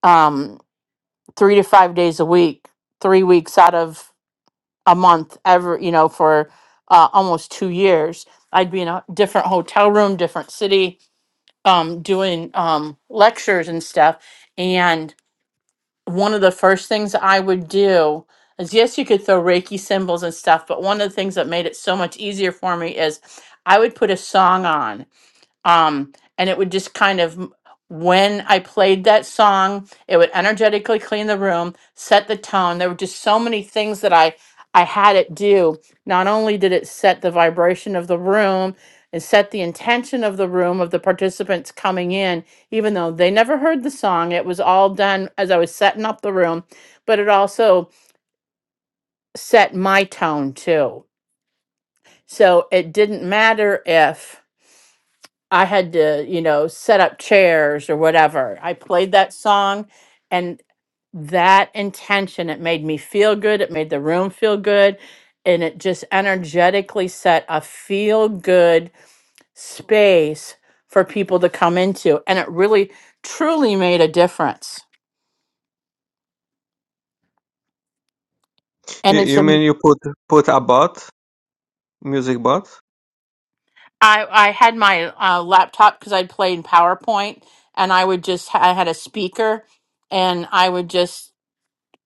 Speaker 1: um, three to five days a week, three weeks out of a month, ever, you know, for uh, almost two years, I'd be in a different hotel room, different city, um, doing um, lectures and stuff. And one of the first things I would do is yes, you could throw Reiki symbols and stuff, but one of the things that made it so much easier for me is I would put a song on um and it would just kind of when i played that song it would energetically clean the room set the tone there were just so many things that i i had it do not only did it set the vibration of the room and set the intention of the room of the participants coming in even though they never heard the song it was all done as i was setting up the room but it also set my tone too so it didn't matter if I had to, you know, set up chairs or whatever. I played that song and that intention, it made me feel good. It made the room feel good. And it just energetically set a feel good space for people to come into. And it really, truly made a difference.
Speaker 8: You,
Speaker 1: And it's,
Speaker 8: you
Speaker 1: am-
Speaker 8: mean you put put a bot, music bot?
Speaker 1: I, I had my uh, laptop because I'd played PowerPoint and I would just, I had a speaker and I would just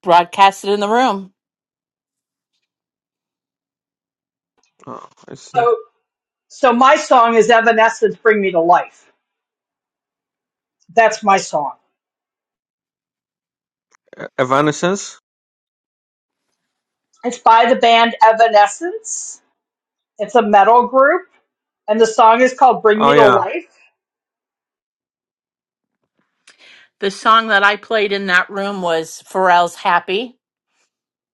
Speaker 1: broadcast it in the room
Speaker 8: Oh, I see.
Speaker 2: So So my song is Evanescence Bring Me to Life. That's my song.
Speaker 8: E- Evanescence?
Speaker 2: It's by the band Evanescence. It's a metal group, and the song is called Bring
Speaker 8: Oh
Speaker 2: Me to
Speaker 8: yeah.
Speaker 2: Life.
Speaker 1: The song that I played in that room was Pharrell's Happy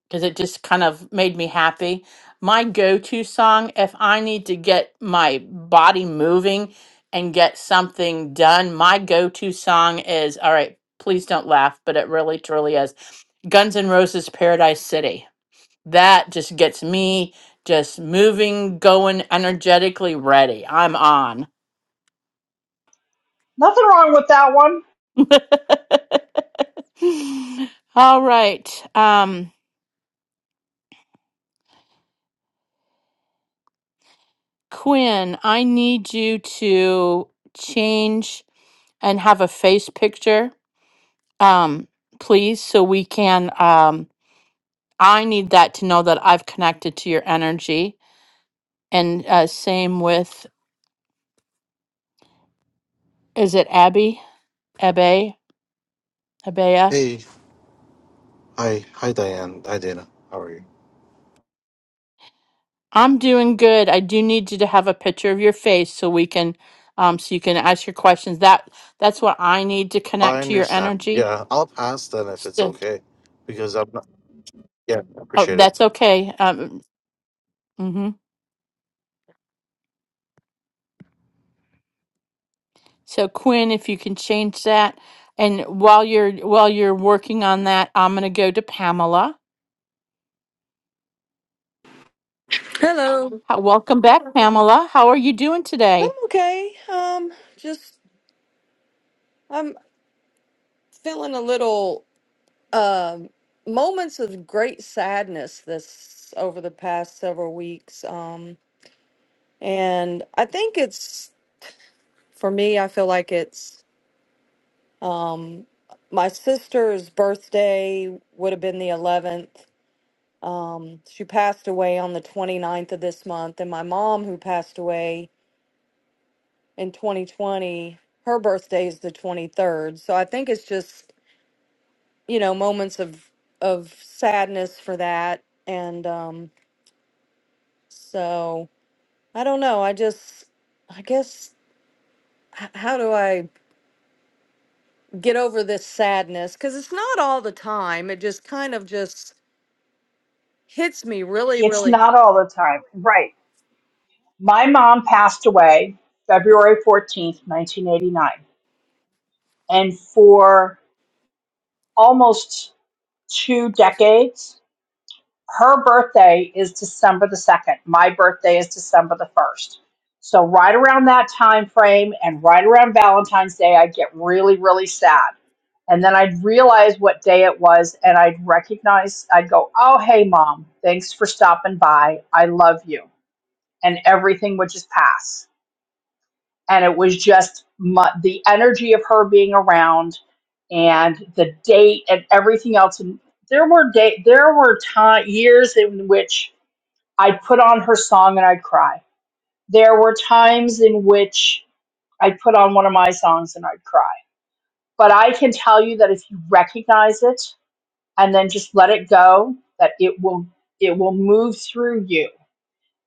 Speaker 1: because it just kind of made me happy. My go to song, if I need to get my body moving and get something done, my go to song is all right, please don't laugh, but it really truly is Guns N' Roses Paradise City. That just gets me just moving, going, energetically ready. I'm on.
Speaker 2: Nothing wrong with that one.
Speaker 1: all right. Um, Quinn, I need you to change and have a face picture, um, please, so we can. Um, I need that to know that I've connected to your energy. And uh, same with, is it Abby? Abe? Abea?
Speaker 9: Hey, hi, hi, Diane. Hi, Dana. How are you?
Speaker 1: I'm doing good. I do need you to have a picture of your face so we can, um, so you can ask your questions. That that's what I need to
Speaker 9: I
Speaker 1: connect to your
Speaker 9: understand.
Speaker 1: energy.
Speaker 9: Yeah, I'll pass then if it's
Speaker 1: So,
Speaker 9: okay, because I'm not. Yeah, I
Speaker 1: oh,
Speaker 9: appreciate it.
Speaker 1: that's okay. Um, mhm. So Quinn, if you can change that, and while you're while you're working on that, I'm going to go to Pamela.
Speaker 10: Hello.
Speaker 1: How, welcome back, Okay. Pamela. How are you doing
Speaker 10: I'm
Speaker 1: today,
Speaker 10: okay. Um, just I'm feeling a little um moments of great sadness this over the past several weeks. Um, and I think it's for me, I feel like it's my sister's birthday would have been the 11th. Um, she passed away on the 29th of this month, and my mom, who passed away in 2020, her birthday is the 23rd. So I think it's just you know moments of of sadness for that and um so i don't know i just i guess h- how do i get over this sadness cuz it's not all the time it just kind of just hits me really
Speaker 2: It's
Speaker 10: really
Speaker 2: not all the time. Right. My mom passed away February 14th, 1989. And for almost two decades, her birthday is December the 2nd. My birthday is December the 1st. So right around that time frame and right around Valentine's Day, I'd get really, really sad. And then I'd realize what day it was and I'd recognize, I'd go, oh, hey, mom, thanks for stopping by. I love you. And everything would just pass. And it was just my, the energy of her being around and the date and everything else. And there were day, there were time, years in which I'd put on her song and I'd cry. There were times in which I'd put on one of my songs and I'd cry. But I can tell you that if you recognize it and then just let it go, that it will it will move through you.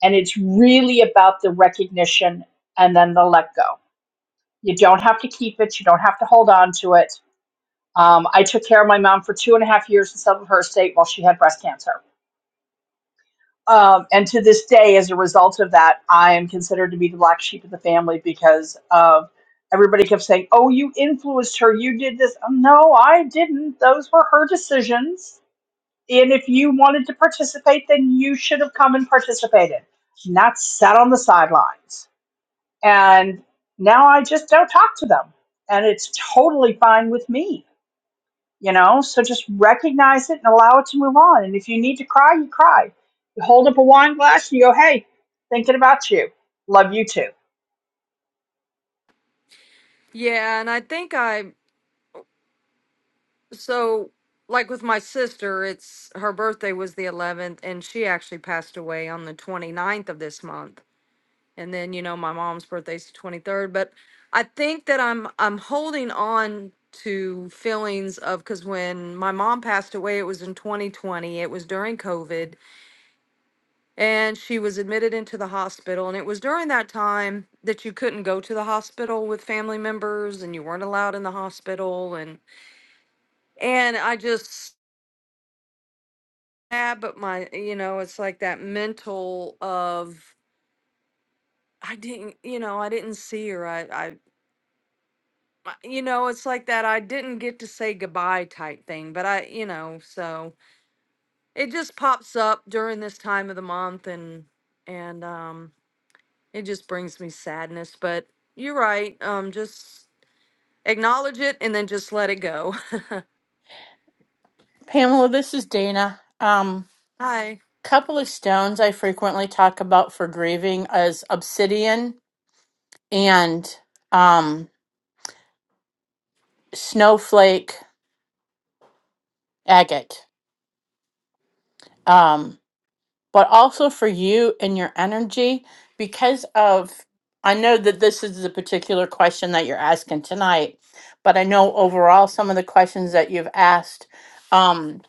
Speaker 2: And it's really about the recognition and then the let go. You don't have to keep it. You don't have to hold on to it. Um, I took care of my mom for two and a half years in some of her estate while she had breast cancer um, and to this day, as a result of that, I am considered to be the black sheep of the family because of everybody kept saying, "Oh, you influenced her. You did this." Oh, no, I didn't. Those were her decisions. And if you wanted to participate, then you should have come and participated, not sat on the sidelines. And now I just don't talk to them, and it's totally fine with me you know so just recognize it and allow it to move on and if you need to cry you cry you hold up a wine glass and you go hey thinking about you love you too
Speaker 10: yeah and i think i so like with my sister it's her birthday was the 11th and she actually passed away on the 29th of this month and then you know my mom's birthday's the 23rd but i think that i'm i'm holding on to feelings of because when my mom passed away it was in 2020 it was during covid and she was admitted into the hospital and it was during that time that you couldn't go to the hospital with family members and you weren't allowed in the hospital and and i just yeah but my you know it's like that mental of i didn't you know i didn't see her i I. uh, you know, it's like that I didn't get to say goodbye type thing, but I, you know, so it just pops up during this time of the month and and um it just brings me sadness, but you're right. Um just acknowledge it and then just let it go.
Speaker 1: Pamela? This is Dana. Um,
Speaker 10: Hi.
Speaker 1: couple of stones I frequently talk about for grieving is obsidian and um, snowflake agate. but also for you and your energy because of I know that this is the particular question that you're asking tonight, but I know overall some of the questions that you've asked, um,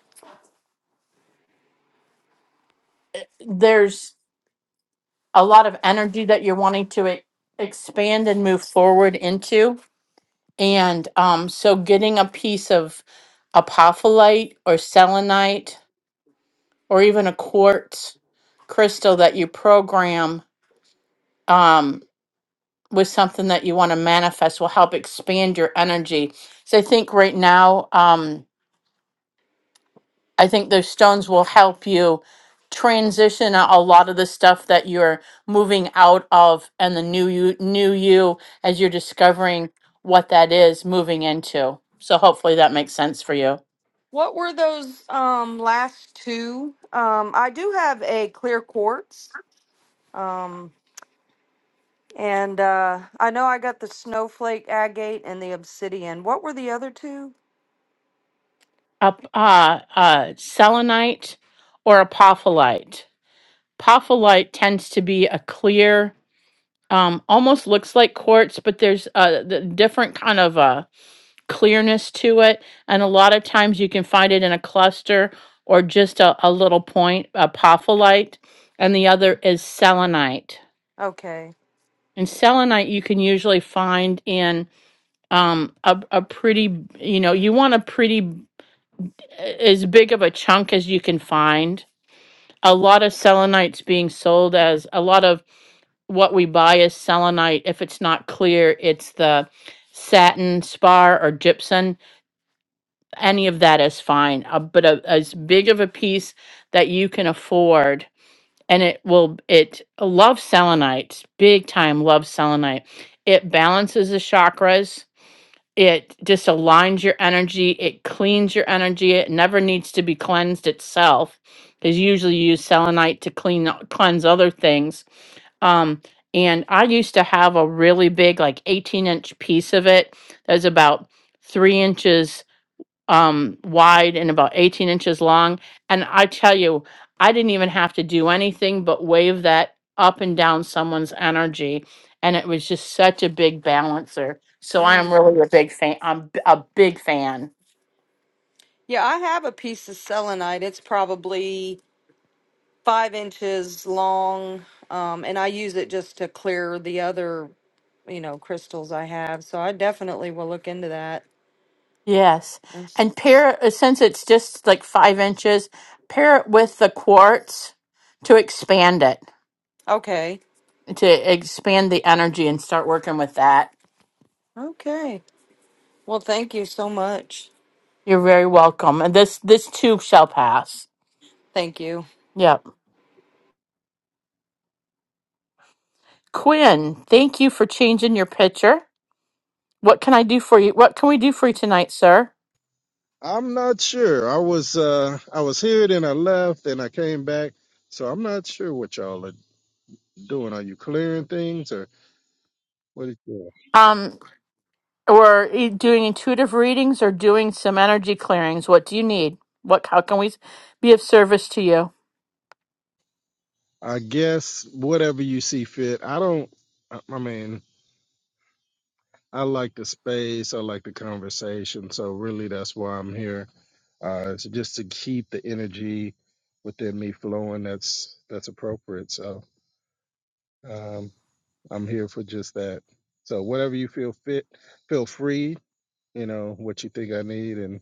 Speaker 1: there's a lot of energy that you're wanting to e- expand and move forward into. And um, so getting a piece of apophyllite or selenite or even a quartz crystal that you program um, with something that you want to manifest will help expand your energy. So I think right now, um, I think those stones will help you transition a a lot of the stuff that you're moving out of and the new you new you as you're discovering what that is moving into. So hopefully that makes sense for you.
Speaker 10: What were those um last two? Um I do have a clear quartz. Um and uh I know I got the snowflake agate and the obsidian. What were the other two?
Speaker 1: Up uh, uh selenite or apophyllite. Apophyllite tends to be a clear um almost looks like quartz but there's a the different kind of uh clearness to it and a lot of times you can find it in a cluster or just a, a little point A apophyllite and the other is selenite
Speaker 10: Okay.
Speaker 1: and selenite you can usually find in um a, a pretty you know you want a pretty uh, as big of a chunk as you can find a lot of selenites being sold as a lot of what we buy is selenite. If it's not clear, it's the satin spar or gypsum. Any of that is fine, uh, but a, as big of a piece that you can afford. And it will, it loves selenites, big time Loves selenite. It balances the chakras it just aligns your energy it cleans your energy it never needs to be cleansed itself because usually you use selenite to clean cleanse other things um and i used to have a really big like 18 inch piece of it that was about three inches um, wide and about 18 inches long. And I tell you, I didn't even have to do anything but wave that up and down someone's energy. And it was just such a big balancer. So I am really a big fan. I'm b- a big fan.
Speaker 10: Yeah, I have a piece of selenite. It's probably five inches long, um, and I use it just to clear the other, you know, crystals I have. So I definitely will look into that.
Speaker 1: Yes.
Speaker 10: That's-
Speaker 1: And pair it, since it's just like five inches, pair it with the quartz to expand it,
Speaker 10: Okay.
Speaker 1: to expand the energy and start working with that.
Speaker 10: Okay. Well, thank you so much.
Speaker 1: You're very welcome. And this this tube shall pass.
Speaker 10: Thank you.
Speaker 1: Yep. Quinn, thank you for changing your picture. What can I do for you? What can we do for you tonight, sir?
Speaker 11: I'm not sure. I was uh I was here then I left and I came back. So I'm not sure what y'all are doing. Are you clearing things or what is it?
Speaker 1: Um, we're e- doing intuitive readings or doing some energy clearings. What do you need? What how can we be of service to you?
Speaker 11: I guess whatever you see fit. I don't I I mean, I like the space, I like the conversation, so really that's why I'm here. Uh it's just to keep the energy within me flowing that's that's appropriate. So um I'm here for just that. So whatever you feel fit, feel free you know, what you think I need, and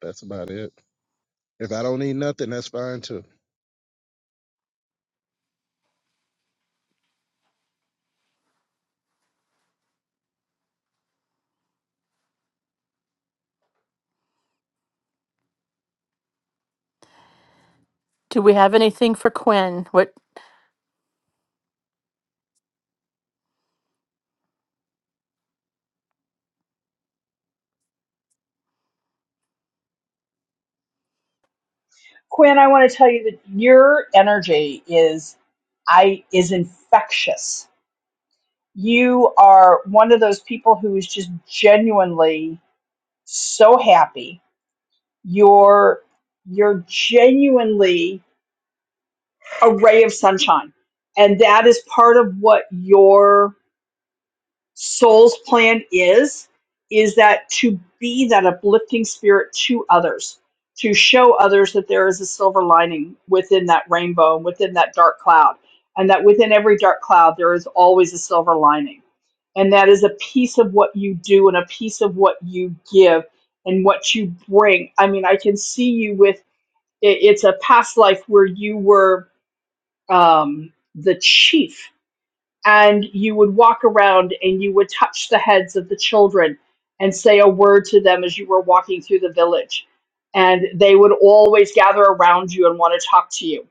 Speaker 11: that's about it. If I don't need nothing, that's fine too.
Speaker 1: Do we have anything for Quinn? What
Speaker 2: quinn i want to tell you that your energy is i is infectious you are one of those people who is just genuinely so happy you're you're genuinely a ray of sunshine and that is part of what your soul's plan is is that to be that uplifting spirit to others to show others that there is a silver lining within that rainbow and within that dark cloud and that within every dark cloud there is always a silver lining and that is a piece of what you do and a piece of what you give and what you bring i mean i can see you with it, it's a past life where you were um, the chief and you would walk around and you would touch the heads of the children and say a word to them as you were walking through the village. And they would always gather around you and want to talk to you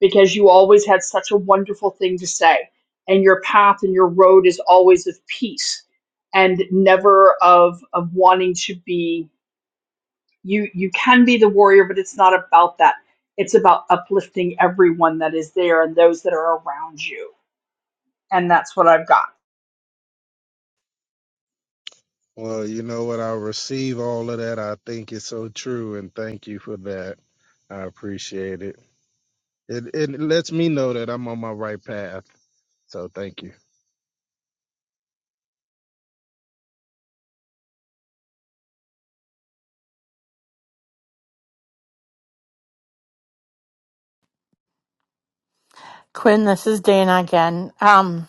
Speaker 2: because you always had such a wonderful thing to say. And your path and your road is always of peace and never of, of wanting to be you you can be the warrior, but it's not about that. It's about uplifting everyone that is there and those that are around you. And that's what I've got.
Speaker 11: Well, you know what? I receive all of that. I think it's so true, and thank you for that. I appreciate it. It it lets me know that I'm on my right path. So thank you.
Speaker 1: Quinn, this is Dana again. Um,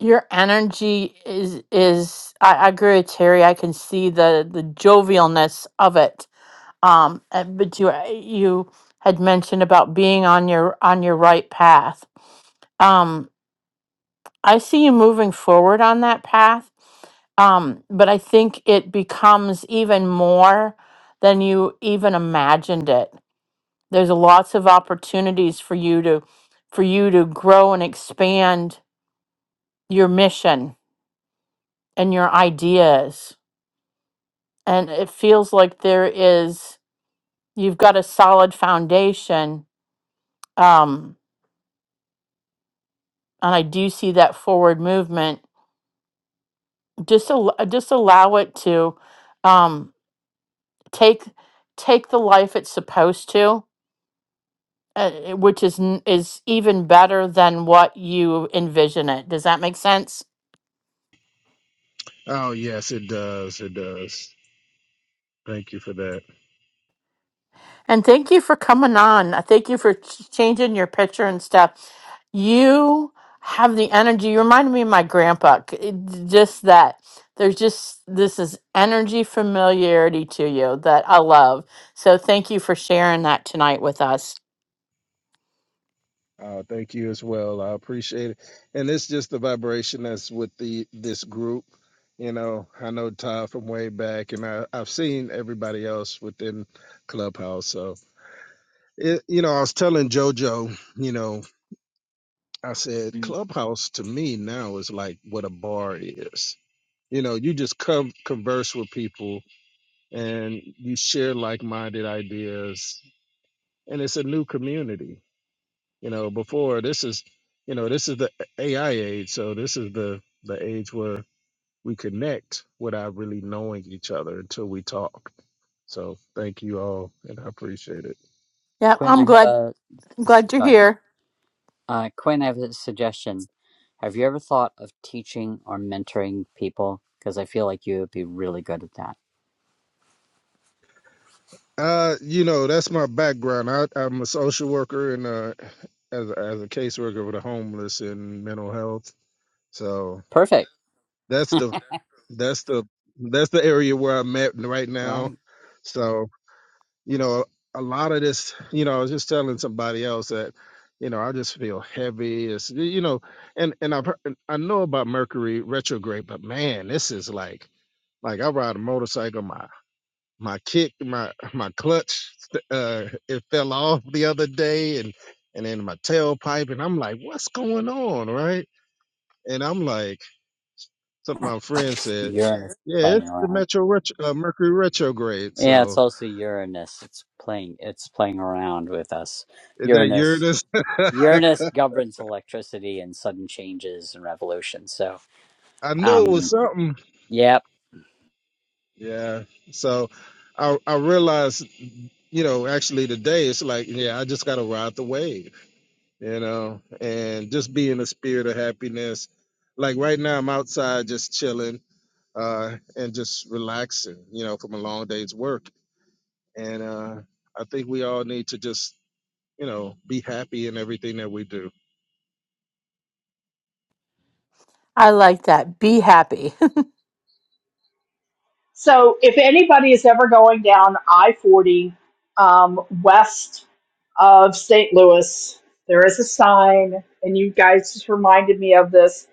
Speaker 1: your energy is is I, I agree with Terry. I can see the the jovialness of it. Um, uh, but you you had mentioned about being on your on your right path. Um, I see you moving forward on that path. Um, but I think it becomes even more than you even imagined it. There's lots of opportunities for you to for you to grow and expand your mission and your ideas. And it feels like there is, you've got a solid foundation. Um, and I do see that forward movement. Just, al- just allow it to um, take, take the life it's supposed to, uh, which is, n- is even better than what you envision it. Does that make sense?
Speaker 11: Oh yes, it does. It does. Thank you for that.
Speaker 1: And thank you for coming on. I Thank you for ch- changing your picture and stuff. You have the energy. You remind me of my grandpa. C- it- Just that there's just this is energy familiarity to you that I love. So thank you for sharing that tonight with us.
Speaker 11: Oh, thank you as well. I appreciate it. And it's just the vibration that's with the this group. You know, I know Todd from way back, and I, I've seen everybody else within Clubhouse. So, it, you know, I was telling JoJo, you know, I said
Speaker 1: Mm.
Speaker 11: Clubhouse to me now is like what a bar is. You know, you just come converse with people and you share like minded ideas, and it's a new community You know, before this is, you know, this is the AI age. So this is the the age where we connect without really knowing each other until we talk. So thank you all, and I appreciate it.
Speaker 1: Yeah,
Speaker 3: Quinn,
Speaker 1: I'm
Speaker 3: I have
Speaker 1: glad.
Speaker 3: a
Speaker 1: I'm
Speaker 3: s-
Speaker 1: glad you're
Speaker 3: sorry.
Speaker 1: here.
Speaker 3: Uh, Quinn, I have a suggestion. Have you ever thought of teaching or mentoring people? Because I feel like you would be really good at that.
Speaker 11: Uh, you know, that's my background. I, I'm a social worker and uh, as a, as a caseworker with the homeless and mental health. So
Speaker 3: Perfect.
Speaker 11: that's the that's the that's the area where I'm at right now.
Speaker 3: Right.
Speaker 11: So you know, a lot of this, you know, I was just telling somebody else that, you know, I just feel heavy. It's, you know, and and I I know about Mercury retrograde, but man, this is like like I ride a motorcycle, my my kick, my my clutch, uh, it fell off the other day, and and then my tailpipe, and I'm like, what's going on, right? And I'm like, something my friend said,
Speaker 3: Uranus is
Speaker 11: yeah,
Speaker 3: playing
Speaker 11: it's the
Speaker 3: around.
Speaker 11: Metro retro, uh, Mercury retrograde,
Speaker 3: Yeah, it's
Speaker 11: so.
Speaker 3: also Uranus. It's playing it's playing around with us.
Speaker 11: Is that
Speaker 3: Uranus
Speaker 11: Uranus?
Speaker 3: Uranus governs electricity and sudden changes and revolution. So
Speaker 11: I knew it was
Speaker 3: um
Speaker 11: something.
Speaker 3: yep.
Speaker 11: Yeah. So I I realized, you know, actually today it's like, yeah, I just gotta ride the wave, you know, and just be in the spirit of happiness. Like right now I'm outside just chilling, uh, and just relaxing, you know, from a long day's work. And uh I think we all need to just, you know, be happy in everything that we do.
Speaker 1: I like that. Be happy.
Speaker 2: So if anybody is ever going down I 40 um, west of St. Louis, there is a sign, and you guys just reminded me of this.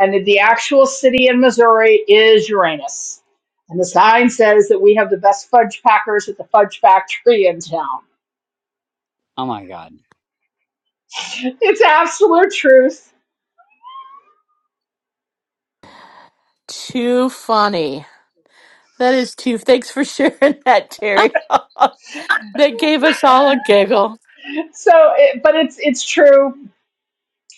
Speaker 2: And the actual city in Missouri is Uranus. And the sign says that we have the best fudge packers at the fudge factory in town.
Speaker 3: Oh my god.
Speaker 2: It's absolute truth.
Speaker 1: too funny. That is too. Thanks for sharing that,
Speaker 3: Ah!
Speaker 1: Terry. that gave us all a giggle.
Speaker 2: So, it, but it's it's true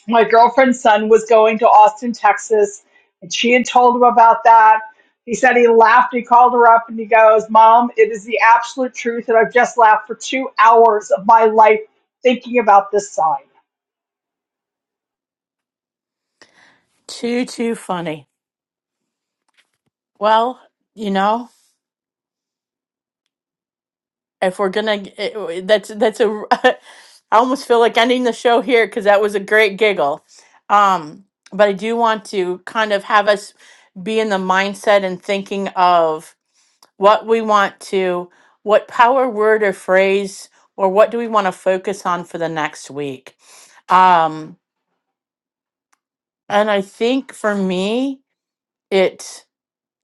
Speaker 2: my girlfriend's son was going to Austin, Texas, and she had told him about that. He said he laughed. He called her up and he goes, Mom, it is the absolute truth. And I've just laughed for two hours of my life thinking about this sign.
Speaker 1: Too too funny. Well, you know, if we're gonna, it, that's that's a. I almost feel like ending the show here because that was a great giggle. Um, but I do want to kind of have us be in the mindset and thinking of what we want to, what power word or phrase, or what do we want to focus on for the next week. Um, and I think for me, it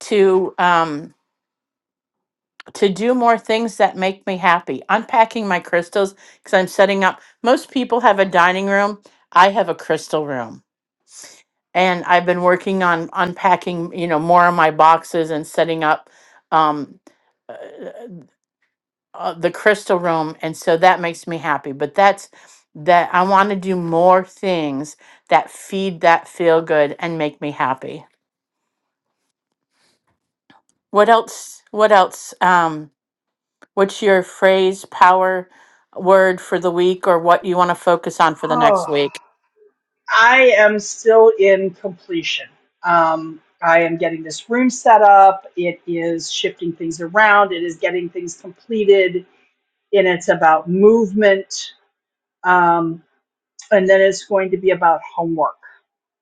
Speaker 1: to. Um, to do more things that make me happy. Unpacking my crystals because I'm setting up. Most people have a dining room. I have a crystal room. And I've been working on unpacking, you know, more of my boxes and setting up um, uh, uh, the crystal room. And so that makes me happy. But that's that I want to do more things that feed that feel good and make me happy. What else? What else? Um, What's your phrase, power word for the week, or what you want to focus on for the
Speaker 2: Oh,
Speaker 1: next week?
Speaker 2: I am still in completion. Um, I am getting this room set up. It is shifting things around. It is getting things completed. And it's about movement. Um, and then it's going to be about homework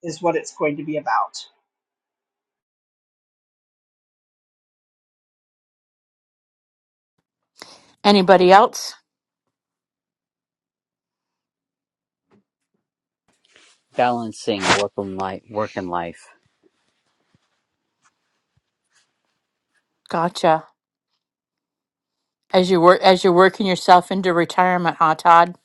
Speaker 2: is what it's going to be about
Speaker 1: Anybody else?
Speaker 3: Balancing work and life work and life.
Speaker 1: Gotcha. As you work, as you're working yourself into retirement, huh, Todd?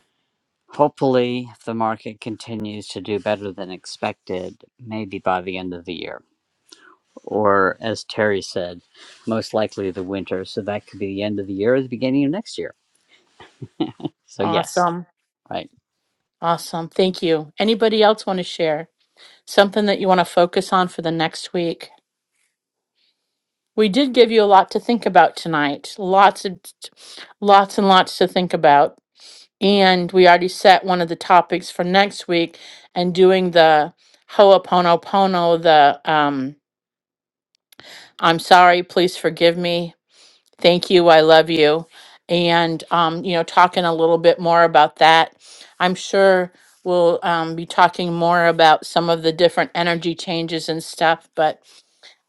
Speaker 3: Hopefully if the market continues to do better than expected, maybe by the end of the year. Or as Terry said, most likely the winter. So that could be the end of the year or the beginning of next year. So yes,
Speaker 1: Awesome,
Speaker 3: right.
Speaker 1: awesome. Thank you. Anybody else want to share something that you want to focus on for the next week? We did give you a lot to think about tonight. Lots of, lots and lots to think about. And we already set one of the topics for next week and doing the Ho'oponopono, the um, I'm sorry, please forgive me, thank you, I love you. And, um, you know, talking a little bit more about that. I'm sure we'll um, be talking more about some of the different energy changes and stuff, but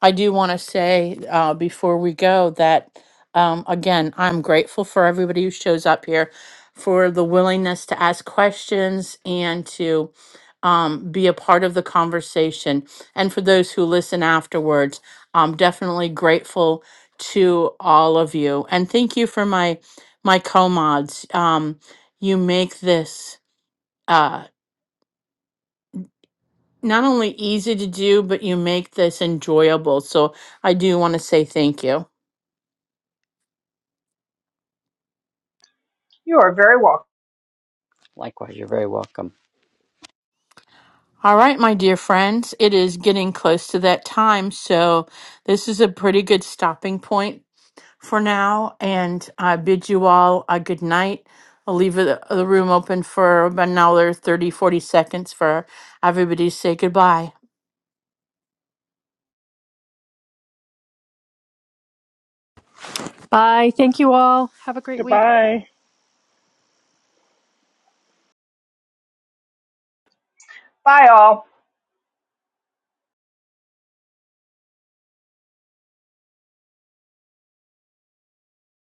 Speaker 1: I do want to say uh, before we go that, um, again, I'm grateful for everybody who shows up here for the willingness to ask questions and to um, be a part of the conversation. And for those who listen afterwards, I'm definitely grateful to all of you. And thank you for my, my co mods. Um, you make this. Uh, not only easy to do, but you make this enjoyable. So I do want to say thank you.
Speaker 2: you are very welcome
Speaker 3: Likewise, you're very welcome.
Speaker 1: All right, my dear friends, it is getting close to that time, so this is a pretty good stopping point for now. And I bid you all a good night. I'll leave the the room open for about another 30, 40 seconds for everybody to say goodbye.
Speaker 6: Bye. Thank you all. Have a great week.
Speaker 7: Goodbye.
Speaker 2: bye all